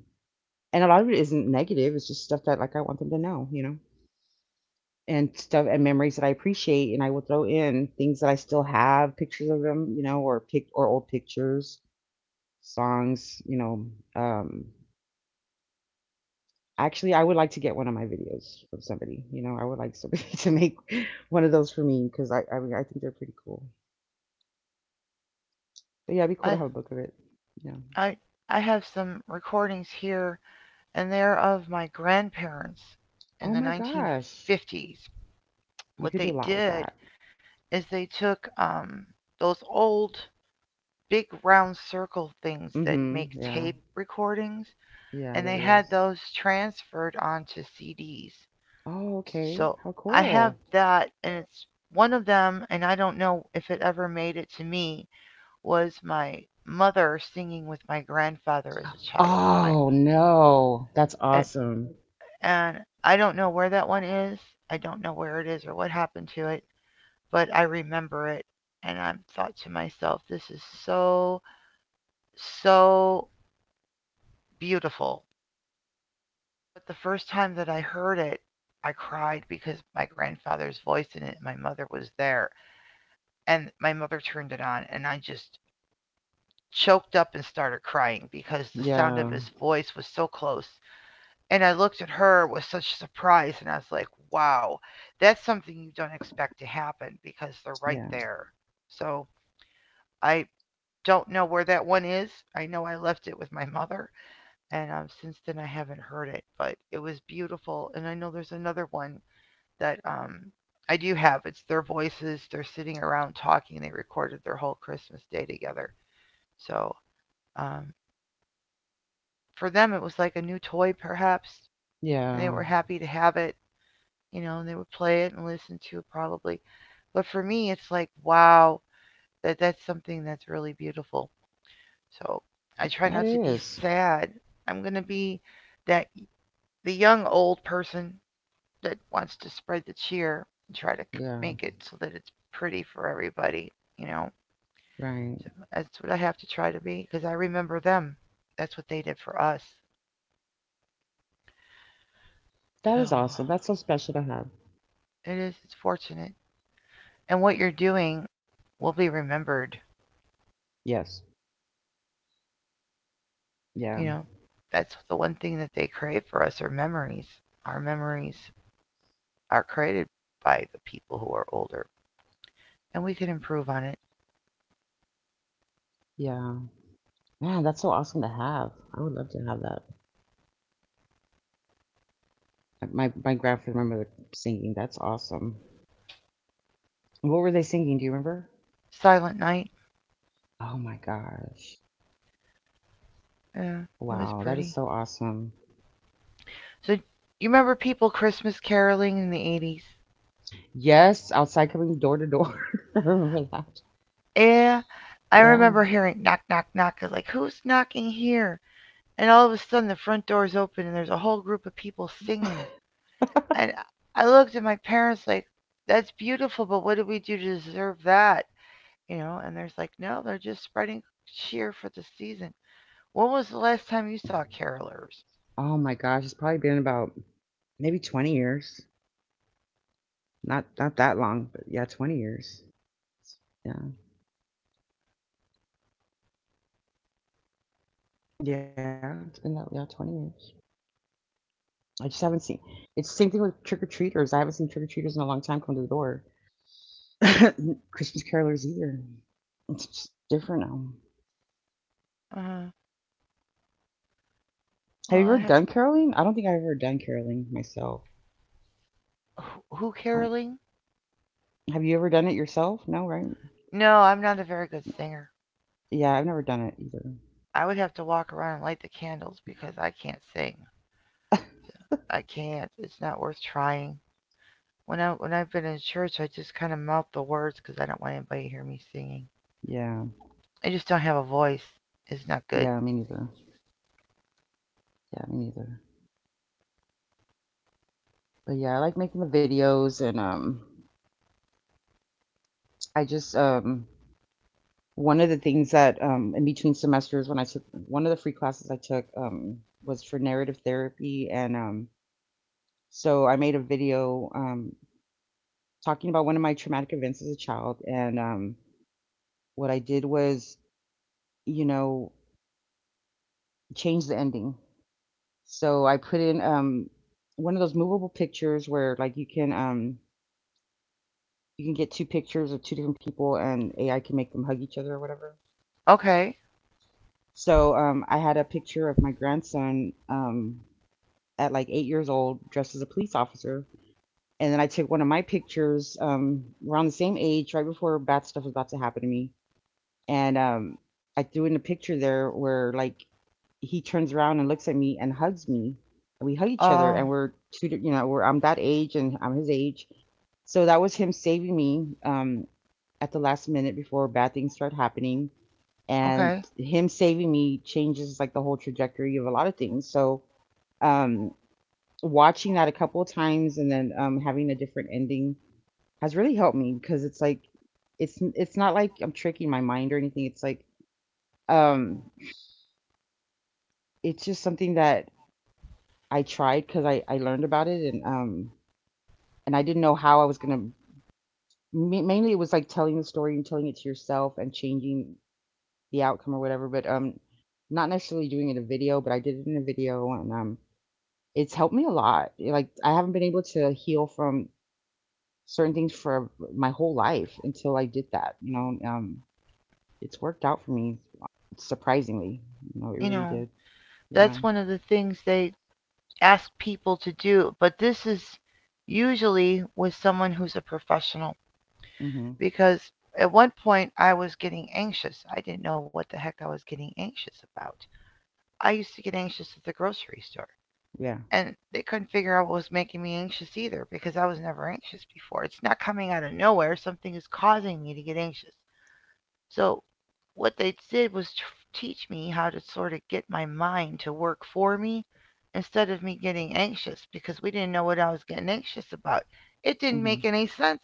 S2: and a lot of it isn't negative; it's just stuff that like I want them to know, and memories that I appreciate, and I will throw in things that I still have, pictures of them, or pic or old pictures, songs, Um, actually, I would like to get one of my videos from somebody. You know, I would like somebody to make one of those for me because I mean, I think they're pretty cool. But yeah, it'd be cool to
S1: I
S2: have a book of it. Yeah.
S1: I I have some recordings here and there of my grandparents
S2: Oh
S1: in the
S2: my gosh,
S1: 1950s.
S2: you
S1: What
S2: could do a
S1: they
S2: lot with
S1: did
S2: that.
S1: is they took those old big round circle things that make
S2: Mm-hmm. Yeah.
S1: tape recordings
S2: Yeah,
S1: and
S2: the
S1: they had
S2: reels.
S1: those transferred onto CDs.
S2: Oh, okay.
S1: So
S2: How
S1: I have
S2: cool.
S1: that, and it's one of them, and I don't know if it ever made it to me. Was my mother singing with my grandfather as a child.
S2: Oh no, that's
S1: And,
S2: awesome.
S1: and I don't know where that one is. I don't know where it is or what happened to it, but I remember it, and I thought to myself, this is so so beautiful. But the first time that I heard it, I cried because my grandfather's voice in it, my mother was there, and my mother turned it on, and I just choked up and started crying because the sound of
S2: Yeah.
S1: his voice was so close. And I looked at her with such surprise, and I was like, wow, that's something you don't expect to happen because they're right
S2: Yeah.
S1: there. So I don't know where that one is. I know I left it with my mother, and since then I haven't heard it, but it was beautiful. And I know there's another one that I do have. It's their voices. They're sitting around talking. They recorded their whole Christmas day together. So um, for them, it was like a new toy, perhaps, and they
S2: Yeah.
S1: were happy to have it. You know, and they would play it and listen to it probably. But for me, it's like, wow, that that's something that's really beautiful. So I try
S2: That
S1: not to be
S2: is.
S1: sad. I'm gonna be that the young old person that wants to spread the cheer and try to
S2: Yeah.
S1: make it so that it's pretty for everybody. You know,
S2: Right.
S1: so that's what I have to try to be because I remember them. That's what they did for us.
S2: That
S1: So
S2: is awesome. That's so special to have.
S1: it is. It's fortunate, and what you're doing will be remembered.
S2: Yes. Yeah.
S1: You know, that's the one thing that they create for us are memories. Our memories are created by the people who are older, and we can improve on it.
S2: Yeah. Man, that's so awesome to have. I would love to have that. My grandfather remember singing. That's awesome. What were they singing? Do you remember?
S1: Silent Night,
S2: Oh my gosh.
S1: yeah, it was
S2: Wow, that is
S1: pretty.
S2: so awesome.
S1: So, you remember people Christmas caroling in the 80s?
S2: Yes, outside coming door to door. I remember that.
S1: Yeah, I
S2: Yeah.
S1: remember hearing knock, knock, knock. I was like, who's knocking here? And all of a sudden, the front door's open, and there's a whole group of people singing. And I looked at my parents like, that's beautiful, but what did we do to deserve that? You know, and there's like, no, they're just spreading cheer for the season. When was the last time you saw carolers?
S2: Oh my gosh, it's probably been about maybe 20 years. Not that long, but yeah, 20 years. Yeah. Yeah, it's been that yeah, 20 years. I just haven't seen, it's the same thing with trick or treaters. I haven't seen trick or treaters in a long time come to the door. Christmas carolers either. It's just different now.
S1: Uh, well,
S2: Have you
S1: I
S2: ever
S1: have.
S2: done caroling? I don't think I've ever done caroling myself.
S1: Who
S2: I don't-
S1: caroling?
S2: Have you ever done it yourself? No, right?
S1: No, I'm not a very good singer.
S2: Yeah, I've never done it either.
S1: I would have to walk around and light the candles because I can't sing. I can't. It's not worth trying. When I've been in church, I just kind of mouth the words because I don't want anybody to hear me singing.
S2: Yeah.
S1: I just don't have a voice. It's not good.
S2: Yeah, me neither. Yeah, me neither. But yeah, I like making the videos and I just one of the things that in between semesters, when I took one of the free classes I took was for narrative therapy, and so I made a video talking about one of my traumatic events as a child, and what I did was, you know, change the ending. So I put in one of those movable pictures where, like, you can get two pictures of two different people, and AI can make them hug each other or whatever.
S1: Okay.
S2: So I had a picture of my grandson. At like 8 years old, dressed as a police officer. And then I took one of my pictures around the same age, right before bad stuff was about to happen to me. And I threw in a picture there where like he turns around and looks at me and hugs me. We hug each other,
S1: Uh.
S2: and you know, we're I'm that age and I'm his age. So that was him saving me at the last minute before bad things start happening, and
S1: Okay.
S2: him saving me changes like the whole trajectory of a lot of things. Um Watching that a couple of times and then having a different ending has really helped me because it's like it's not like I'm tricking my mind or anything. It's like, um, it's just something that I tried because I learned about it and I didn't know how I was gonna. Mainly, it was like telling the story and telling it to yourself and changing the outcome or whatever. But not necessarily doing it in a video, but I did it in a video and it's helped me a lot. Like I haven't been able to heal from certain things for my whole life until I did that. It's worked out for me surprisingly. You know, it
S1: You
S2: really
S1: know,
S2: did.
S1: that's
S2: Yeah.
S1: one of the things they ask people to do, but this is usually with someone who's a professional
S2: Mhm.
S1: because at one point I was getting anxious. I didn't know what the heck I was getting anxious about. I used to get anxious at the grocery store,
S2: Yeah.
S1: and they couldn't figure out what was making me anxious either because I was never anxious before. It's not coming out of nowhere, something is causing me to get anxious. So what they did was teach me how to sort of get my mind to work for me instead of me getting anxious because we didn't know what I was getting anxious about. It didn't make
S2: Mhm.
S1: any sense.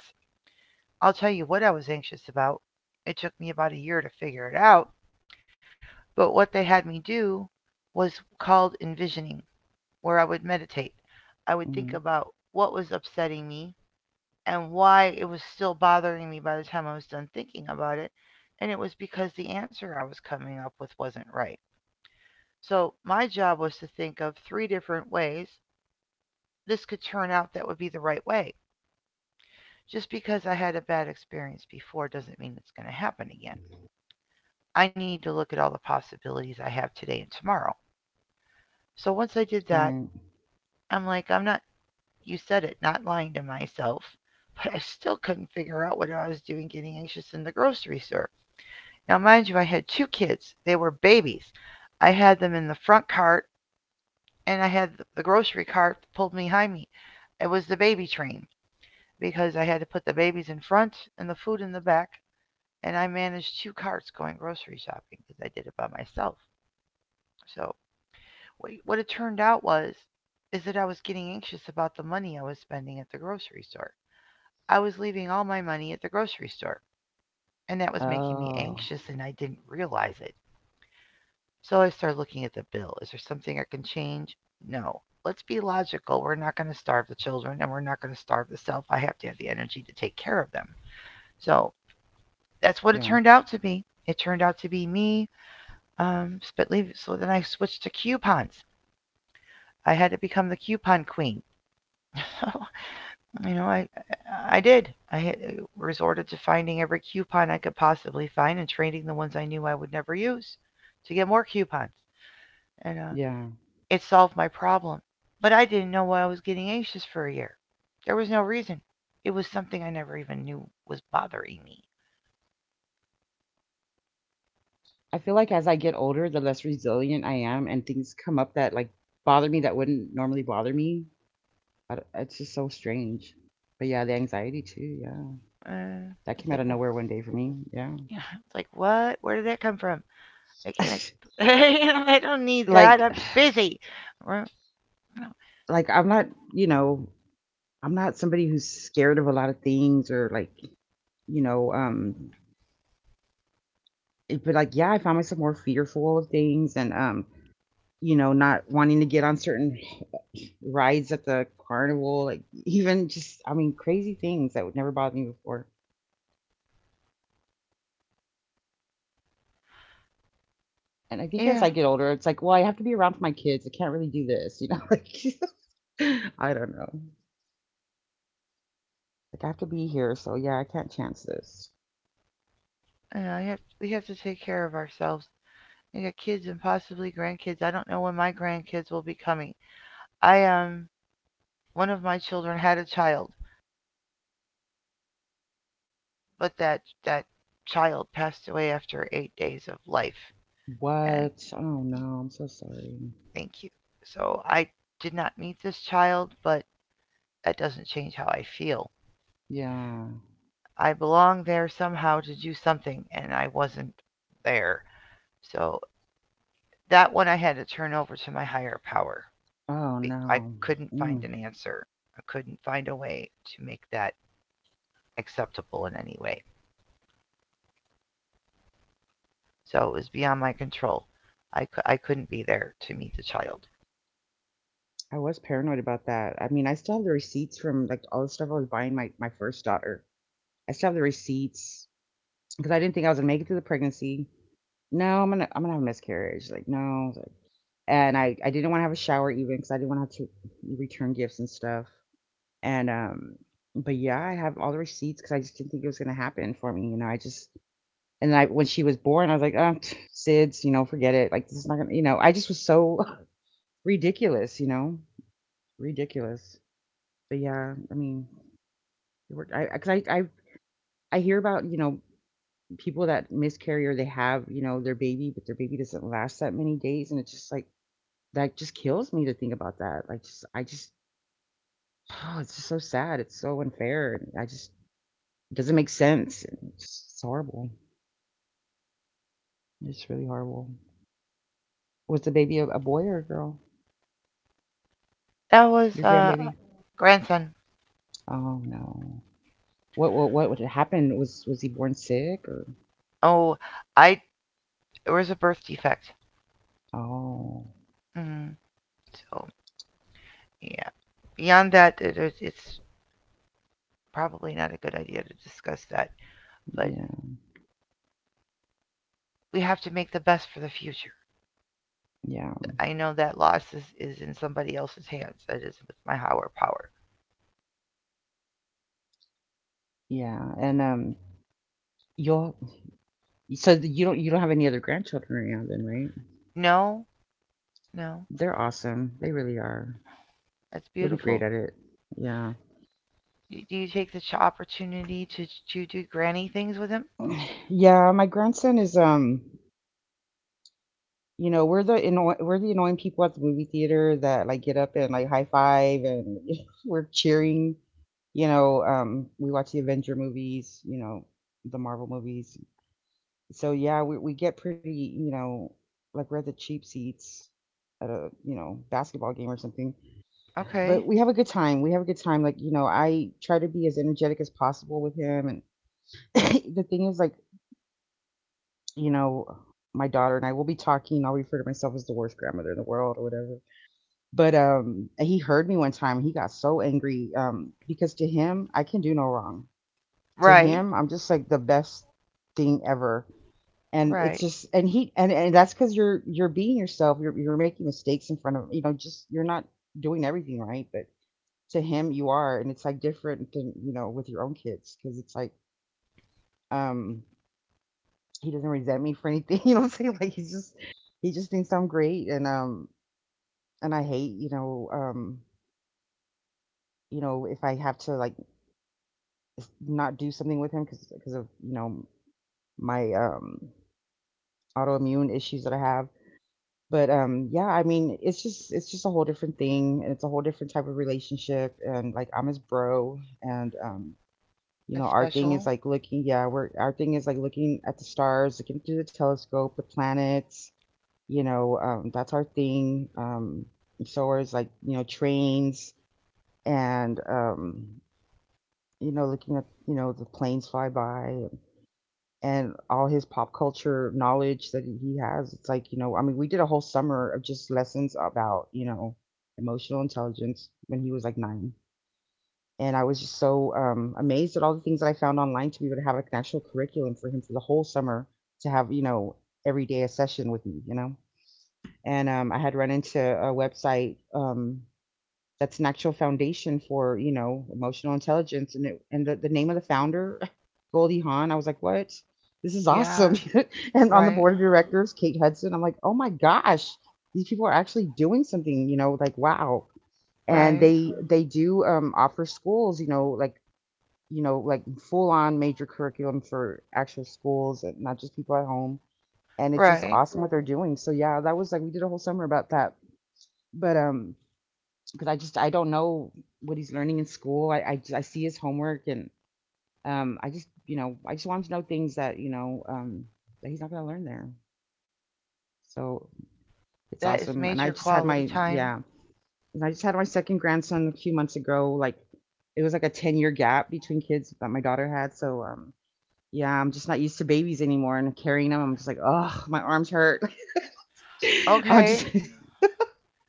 S1: I'll tell you what I was anxious about. It took me about a year to figure it out. But what they had me do was called envisioning, where I would meditate. I would think
S2: Mhm.
S1: about what was upsetting me and why it was still bothering me by the time I was done thinking about it. And it was because the answer I was coming up with wasn't right. So my job was to think of three different ways this could turn out that would be the right way. Just because I had a bad experience before doesn't mean it's going to happen again. I need to look at all the possibilities I have today and tomorrow. So once I did
S2: Right.
S1: that, I'm like, I'm not, you said it, not lying to myself, but I still couldn't figure out what I was doing getting anxious in the grocery store. Now, mind you, I had two kids. They were babies. I had them in the front cart, and I had the grocery cart pulled behind me. It was the baby train because I had to put the babies in front and the food in the back, and I managed two carts going grocery shopping because I did it by myself. So what it turned out was is that I was getting anxious about the money I was spending at the grocery store. I was leaving all my money at the grocery store,
S2: Oh.
S1: and that was making me anxious, and I didn't realize it. So I start looking at the bill. Is there something I can change? No. Let's be logical. We're not going to starve the children, and we're not going to starve the self. I have to have the energy to take care of them. So
S2: Yeah.
S1: that's what it turned out to be. It turned out to be me. Um, So then I switched to coupons. I had to become the coupon queen. So, I did. I had resorted to finding every coupon I could possibly find and trading the ones I knew I would never use to get more coupons. And
S2: Yeah.
S1: it solved my problem. But I didn't know why I was getting anxious for a year. There was no reason. It was something I never even knew was bothering me.
S2: I feel like as I get older, the less resilient I am, and things come up that like bother me that wouldn't normally bother me. I d It's just so strange. But yeah, the anxiety too. Yeah,
S1: Uh,
S2: that
S1: it's
S2: came
S1: like,
S2: out of
S1: well,
S2: nowhere one day for me. Yeah.
S1: you know, it's like, what? Where did that come from? I can't. You know, I don't need that.
S2: like
S1: I'm busy. Well, no.
S2: like I'm not, you know, I'm not somebody who's scared of a lot of things or like, you know, but like, yeah, I found myself more fearful of things and, you know, not wanting to get on certain rides at the carnival, like even just, I mean, crazy things that would never bother me before. And I think as
S1: Yeah,
S2: I get older, it's like, well, I have to be around for my kids. I can't really do this, you know, like, I don't know. Like, I have to be here. So, yeah, I can't chance this.
S1: I know. You have, we have to take care of ourselves. I got kids and possibly grandkids. I don't know when my grandkids will be coming. I one of my children had a child, but that child passed away after 8 days of life. And
S2: What? Oh, no. I'm so sorry.
S1: thank you. So I did not meet this child, but that doesn't change how I feel.
S2: Yeah.
S1: I belong there somehow to do something, and I wasn't there. So that one I had to turn over to my higher power.
S2: Oh,
S1: I
S2: no.
S1: couldn't find
S2: Mm.
S1: an answer. I couldn't find a way to make that acceptable in any way. So it was beyond my control. I couldn't be there to meet the child.
S2: I was paranoid about that. I mean, I still have the receipts from like all the stuff I was buying my first daughter. I still have the receipts because I didn't think I was gonna make it through the pregnancy. No, I'm gonna have a miscarriage. Like no, I was like, and I didn't want to have a shower even because I didn't want to have to return gifts and stuff. And but yeah, I have all the receipts because I just didn't think it was gonna happen for me. You know, I just and I, when she was born, I was like, oh, pff, SIDS. You know, forget it. Like this is not gonna. You know, I just was so ridiculous. You know, ridiculous. But yeah, I mean, it worked. I, 'cause I hear about, you know, people that miscarry or they have, you know, their baby, but their baby doesn't last that many days. And it's just like, that just kills me to think about that. Oh, it's just so sad. It's so unfair. It doesn't make sense. It's horrible. It's really horrible. Was the baby a boy or a girl?
S1: That was
S2: Your grandbaby?
S1: grandson.
S2: Oh no. What happened? Was he born sick or?
S1: Oh, I there was a birth defect.
S2: Oh,
S1: Mm, so yeah, beyond that, it's probably not a good idea to discuss that. But
S2: yeah.
S1: we have to make the best for the future.
S2: Yeah,
S1: I know that loss is in somebody else's hands. That is with my higher power.
S2: yeah, and you'll, you don't, have any other grandchildren right now then, right?
S1: No, no,
S2: They're awesome. They really are.
S1: that's
S2: You'll be
S1: beautiful.
S2: great at it. Yeah.
S1: Do you take the opportunity to do granny things with him?
S2: Yeah, my grandson is you know, we're the annoying people at the movie theater that like get up and like high five and we're cheering. You know, we watch the Avenger movies, you know, the Marvel movies. So yeah, we get pretty, you know, like we're at the cheap seats at a, you know, basketball game or something,
S1: Okay,
S2: but we have a good time. We have a good time. Like, you know, I try to be as energetic as possible with him. And the thing is, like, you know, my daughter and I will be talking. I'll refer to myself as the worst grandmother in the world or whatever. But he heard me one time. He got so angry because to him, I can do no wrong. To
S1: right,
S2: him, I'm just like the best thing ever. And it's
S1: right.
S2: just, and he, and that's because you're being yourself. You're making mistakes in front of, you know, just, you're not doing everything right. But to him you are, and it's like different than you know with your own kids because it's like um he doesn't resent me for anything you know what I'm saying, like he just thinks I'm great, and I hate, you know, you know, if I have to like not do something with him because of you know my autoimmune issues that I have. But yeah, I mean, it's just, it's just a whole different thing, and it's a whole different type of relationship, and like I'm his bro. And you
S1: It's
S2: know, our thing
S1: special.
S2: is like looking, yeah, we're our thing is like looking at the stars, looking through the telescope, the planets, you know, that's our thing. So is like, you know, trains and you know, looking at, you know, the planes fly by and all his pop culture knowledge that he has. It's like, you know, I mean, we did a whole summer of just lessons about, you know, emotional intelligence when he was like 9, and I was just so amazed at all the things that I found online to be able to have like an actual curriculum for him for the whole summer, to have you know every day a session with me, you know. And I had run into a website that's an actual foundation for you know emotional intelligence, and the name of the founder, Goldie Hawn. I was like, what? This is
S1: Yeah,
S2: awesome. And on the
S1: right,
S2: board of directors, Kate Hudson. I'm like, oh my gosh, these people are actually doing something. You know, like wow. And
S1: right,
S2: they do offer schools, you know, like you know, like full on major curriculum for actual schools and not just people at home. And it's just
S1: right.
S2: awesome what they're doing. So yeah, that was like we did a whole summer about that. But Because I don't know what he's learning in school. I see his homework. And I just, you know, I just want him to know things that, you know, that he's not gonna learn there. So it's
S1: That is
S2: awesome. And I
S1: major
S2: just had
S1: quality
S2: my
S1: time.
S2: yeah, and I just had my second grandson a few months ago. Like it was like a 10-year gap between kids that my daughter had, so yeah, I'm just not used to babies anymore and carrying them. I'm just like, "Oh, my arms hurt." I'm
S1: Okay,
S2: just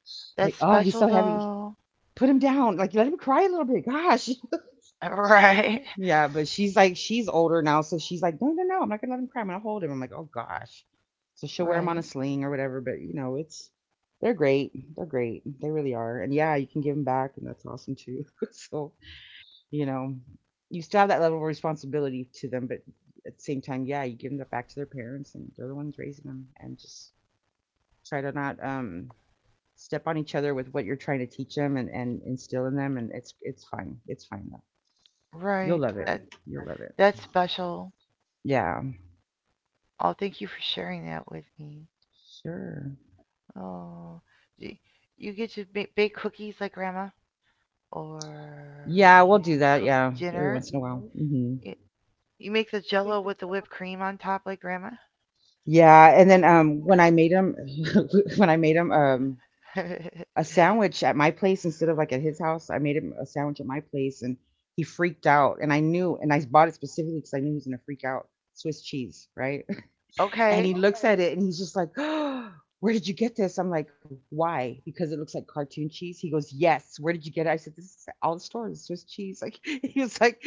S2: like,
S1: that's
S2: "Oh, he's
S1: special
S2: so heavy.
S1: though.
S2: Put him down. Like, let him cry a little bit. Gosh."
S1: Right,
S2: Yeah, but she's older now, so she's like, "No, no, no. I'm not gonna let him cry. I'm gonna hold him." I'm like, "Oh gosh." So she'll wear him on
S1: right,
S2: a sling or whatever, but you know, it's, they're great. They're great. They really are. And yeah, you can give them back, and that's awesome too. So you know, you still have that level of responsibility to them, but at the same time, yeah, you give them back to their parents, and they're the ones raising them, and just try to not step on each other with what you're trying to teach them and instill in them. And it's fine, it's fine though. You'll
S1: right.
S2: love it.
S1: That
S2: Right. You'll right love it.
S1: that's special.
S2: Yeah,
S1: Oh, thank you for sharing that with me.
S2: sure.
S1: Oh, do you get to bake cookies like Grandma, or
S2: Yeah, we'll
S1: do you
S2: do that.
S1: cook
S2: Yeah, every
S1: dinner.
S2: once in a while. Mhm. Hmm.
S1: You, you make the Jello with the whipped cream on top like Grandma.
S2: Yeah, and then when I made them, when I made them a sandwich at my place instead of like at his house. I made him a sandwich at my place and he freaked out. And I knew, and I bought it specifically because I knew he was going to freak out, Swiss cheese, right? And he
S1: Okay.
S2: looks at it and he's just like, "Oh, where did you get this?" I'm like, "Why?" Because it looks like cartoon cheese. He goes, "Yes. Where did you get it?" I said, "This is at all the stores, Swiss cheese." Like, he was like,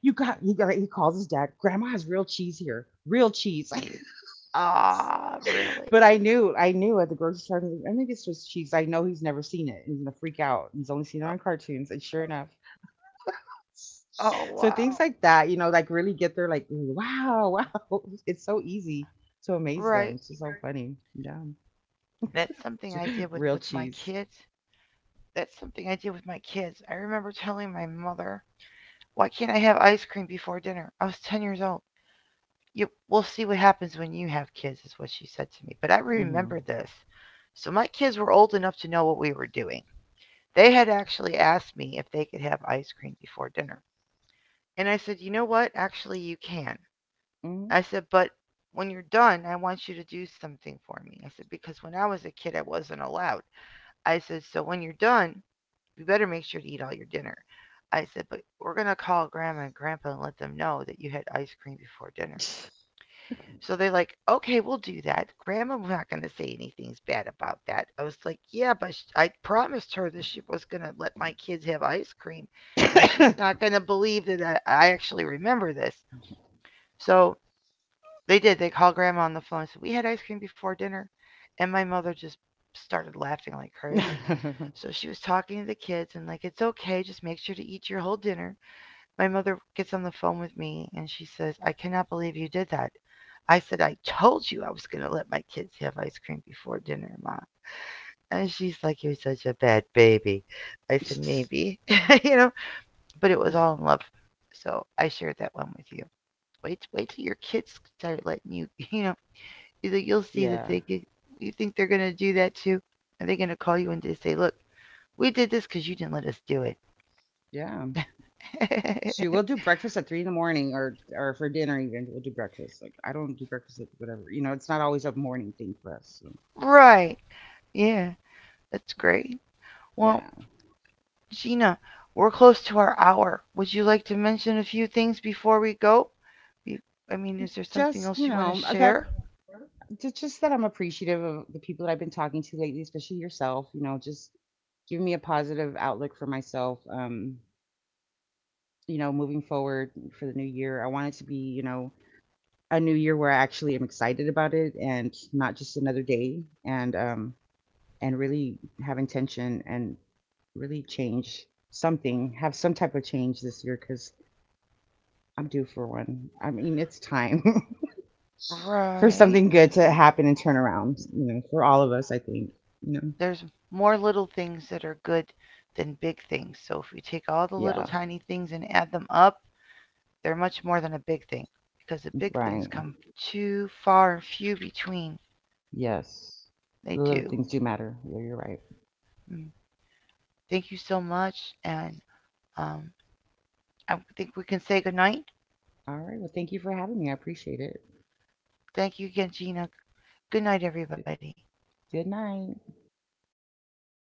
S2: He calls his dad, "Grandma has real cheese here, real cheese."
S1: Ah, oh, really?
S2: But I knew at the grocery store, I'm like, "I think it's just cheese. I know he's never seen it. He's gonna freak out. He's only seen it
S1: Oh,
S2: on cartoons," and sure enough.
S1: oh
S2: So things
S1: wow.
S2: like that, you know, like really get there, like, wow, wow. It's so easy to amaze them.
S1: Right.
S2: It's just so funny. Yeah.
S1: That's something I did with
S2: Real
S1: with my
S2: cheese.
S1: kids. That's something I did with my kids. I remember telling my mother, why can't I have ice cream before dinner? I was 10 years old. You, we'll see what happens when you have kids, is what she said to me. But I
S2: Hmm.
S1: remember this. So my kids were old enough to know what we were doing. They had actually asked me if they could have ice cream before dinner. And I said, you know what? Actually, you can.
S2: Hmm.
S1: I said, but when you're done, I want you to do something for me. I said, because when I was a kid, I wasn't allowed. I said, so when you're done, you better make sure to eat all your dinner. I said, but we're going to call grandma and grandpa and let them know that you had ice cream before dinner. So they're like, okay, we'll do that. Grandma's not going to say anything's bad about that. I was like, yeah, but I promised her that she was going to let my kids have ice cream, and she's not going to believe that I actually remember this. So they did. They called grandma on the phone and said, we had ice cream before dinner. And my mother just started laughing like crazy. So she was talking to the kids and, like, it's okay. Just make sure to eat your whole dinner. My mother gets on the phone with me and she says, I cannot believe you did that. I said, I told you I was going to let my kids have ice cream before dinner, Mom. And she's like, you're such a bad baby. I said, maybe, you know, but it was all in love. So I shared that one with you. Wait, wait till your kids start letting you, you know, you think you'll see that they
S2: Yeah.
S1: could, you think they're going to do that too? Are they going to call you and just say, look, we did this because you didn't let us do
S2: Yeah. She
S1: it?
S2: will do breakfast at 3 in the morning or for dinner even. We'll do breakfast. Like I don't do breakfast at whatever. You know, it's not always a morning thing for us. So.
S1: Right. Yeah, that's great. Well,
S2: Yeah.
S1: Gina, we're close to our hour. Would you like to mention a few things before we go? I mean, is there something else
S2: Just,
S1: you
S2: you
S1: want to
S2: know, that
S1: share?
S2: just that I'm appreciative of the people that I've been talking to lately, especially yourself, you know, just give me a positive outlook for myself. You know, moving forward for the new year. I want it to be, you know, a new year where I actually am excited about it and not just another day. And and really have intention and really change something, have some type of change this year, because I'm due for one. I mean, it's time. For
S1: Right.
S2: something good to happen and turn around, you know, for all of us, I think, you know.
S1: There's more little things that are good than big things. So if we take all the little
S2: Yeah,
S1: tiny things and add them up, they're much more than a big thing, because the big things
S2: right.
S1: come too far and few between.
S2: Yes.
S1: They
S2: The
S1: do.
S2: little things do matter. Yeah, you're right.
S1: Mm. Thank you so much, and um, I think we can say goodnight.
S2: All right. Well, thank you for having me. I appreciate it.
S1: Thank you again, Gina. Good night,
S2: Good
S1: everybody.
S2: good night.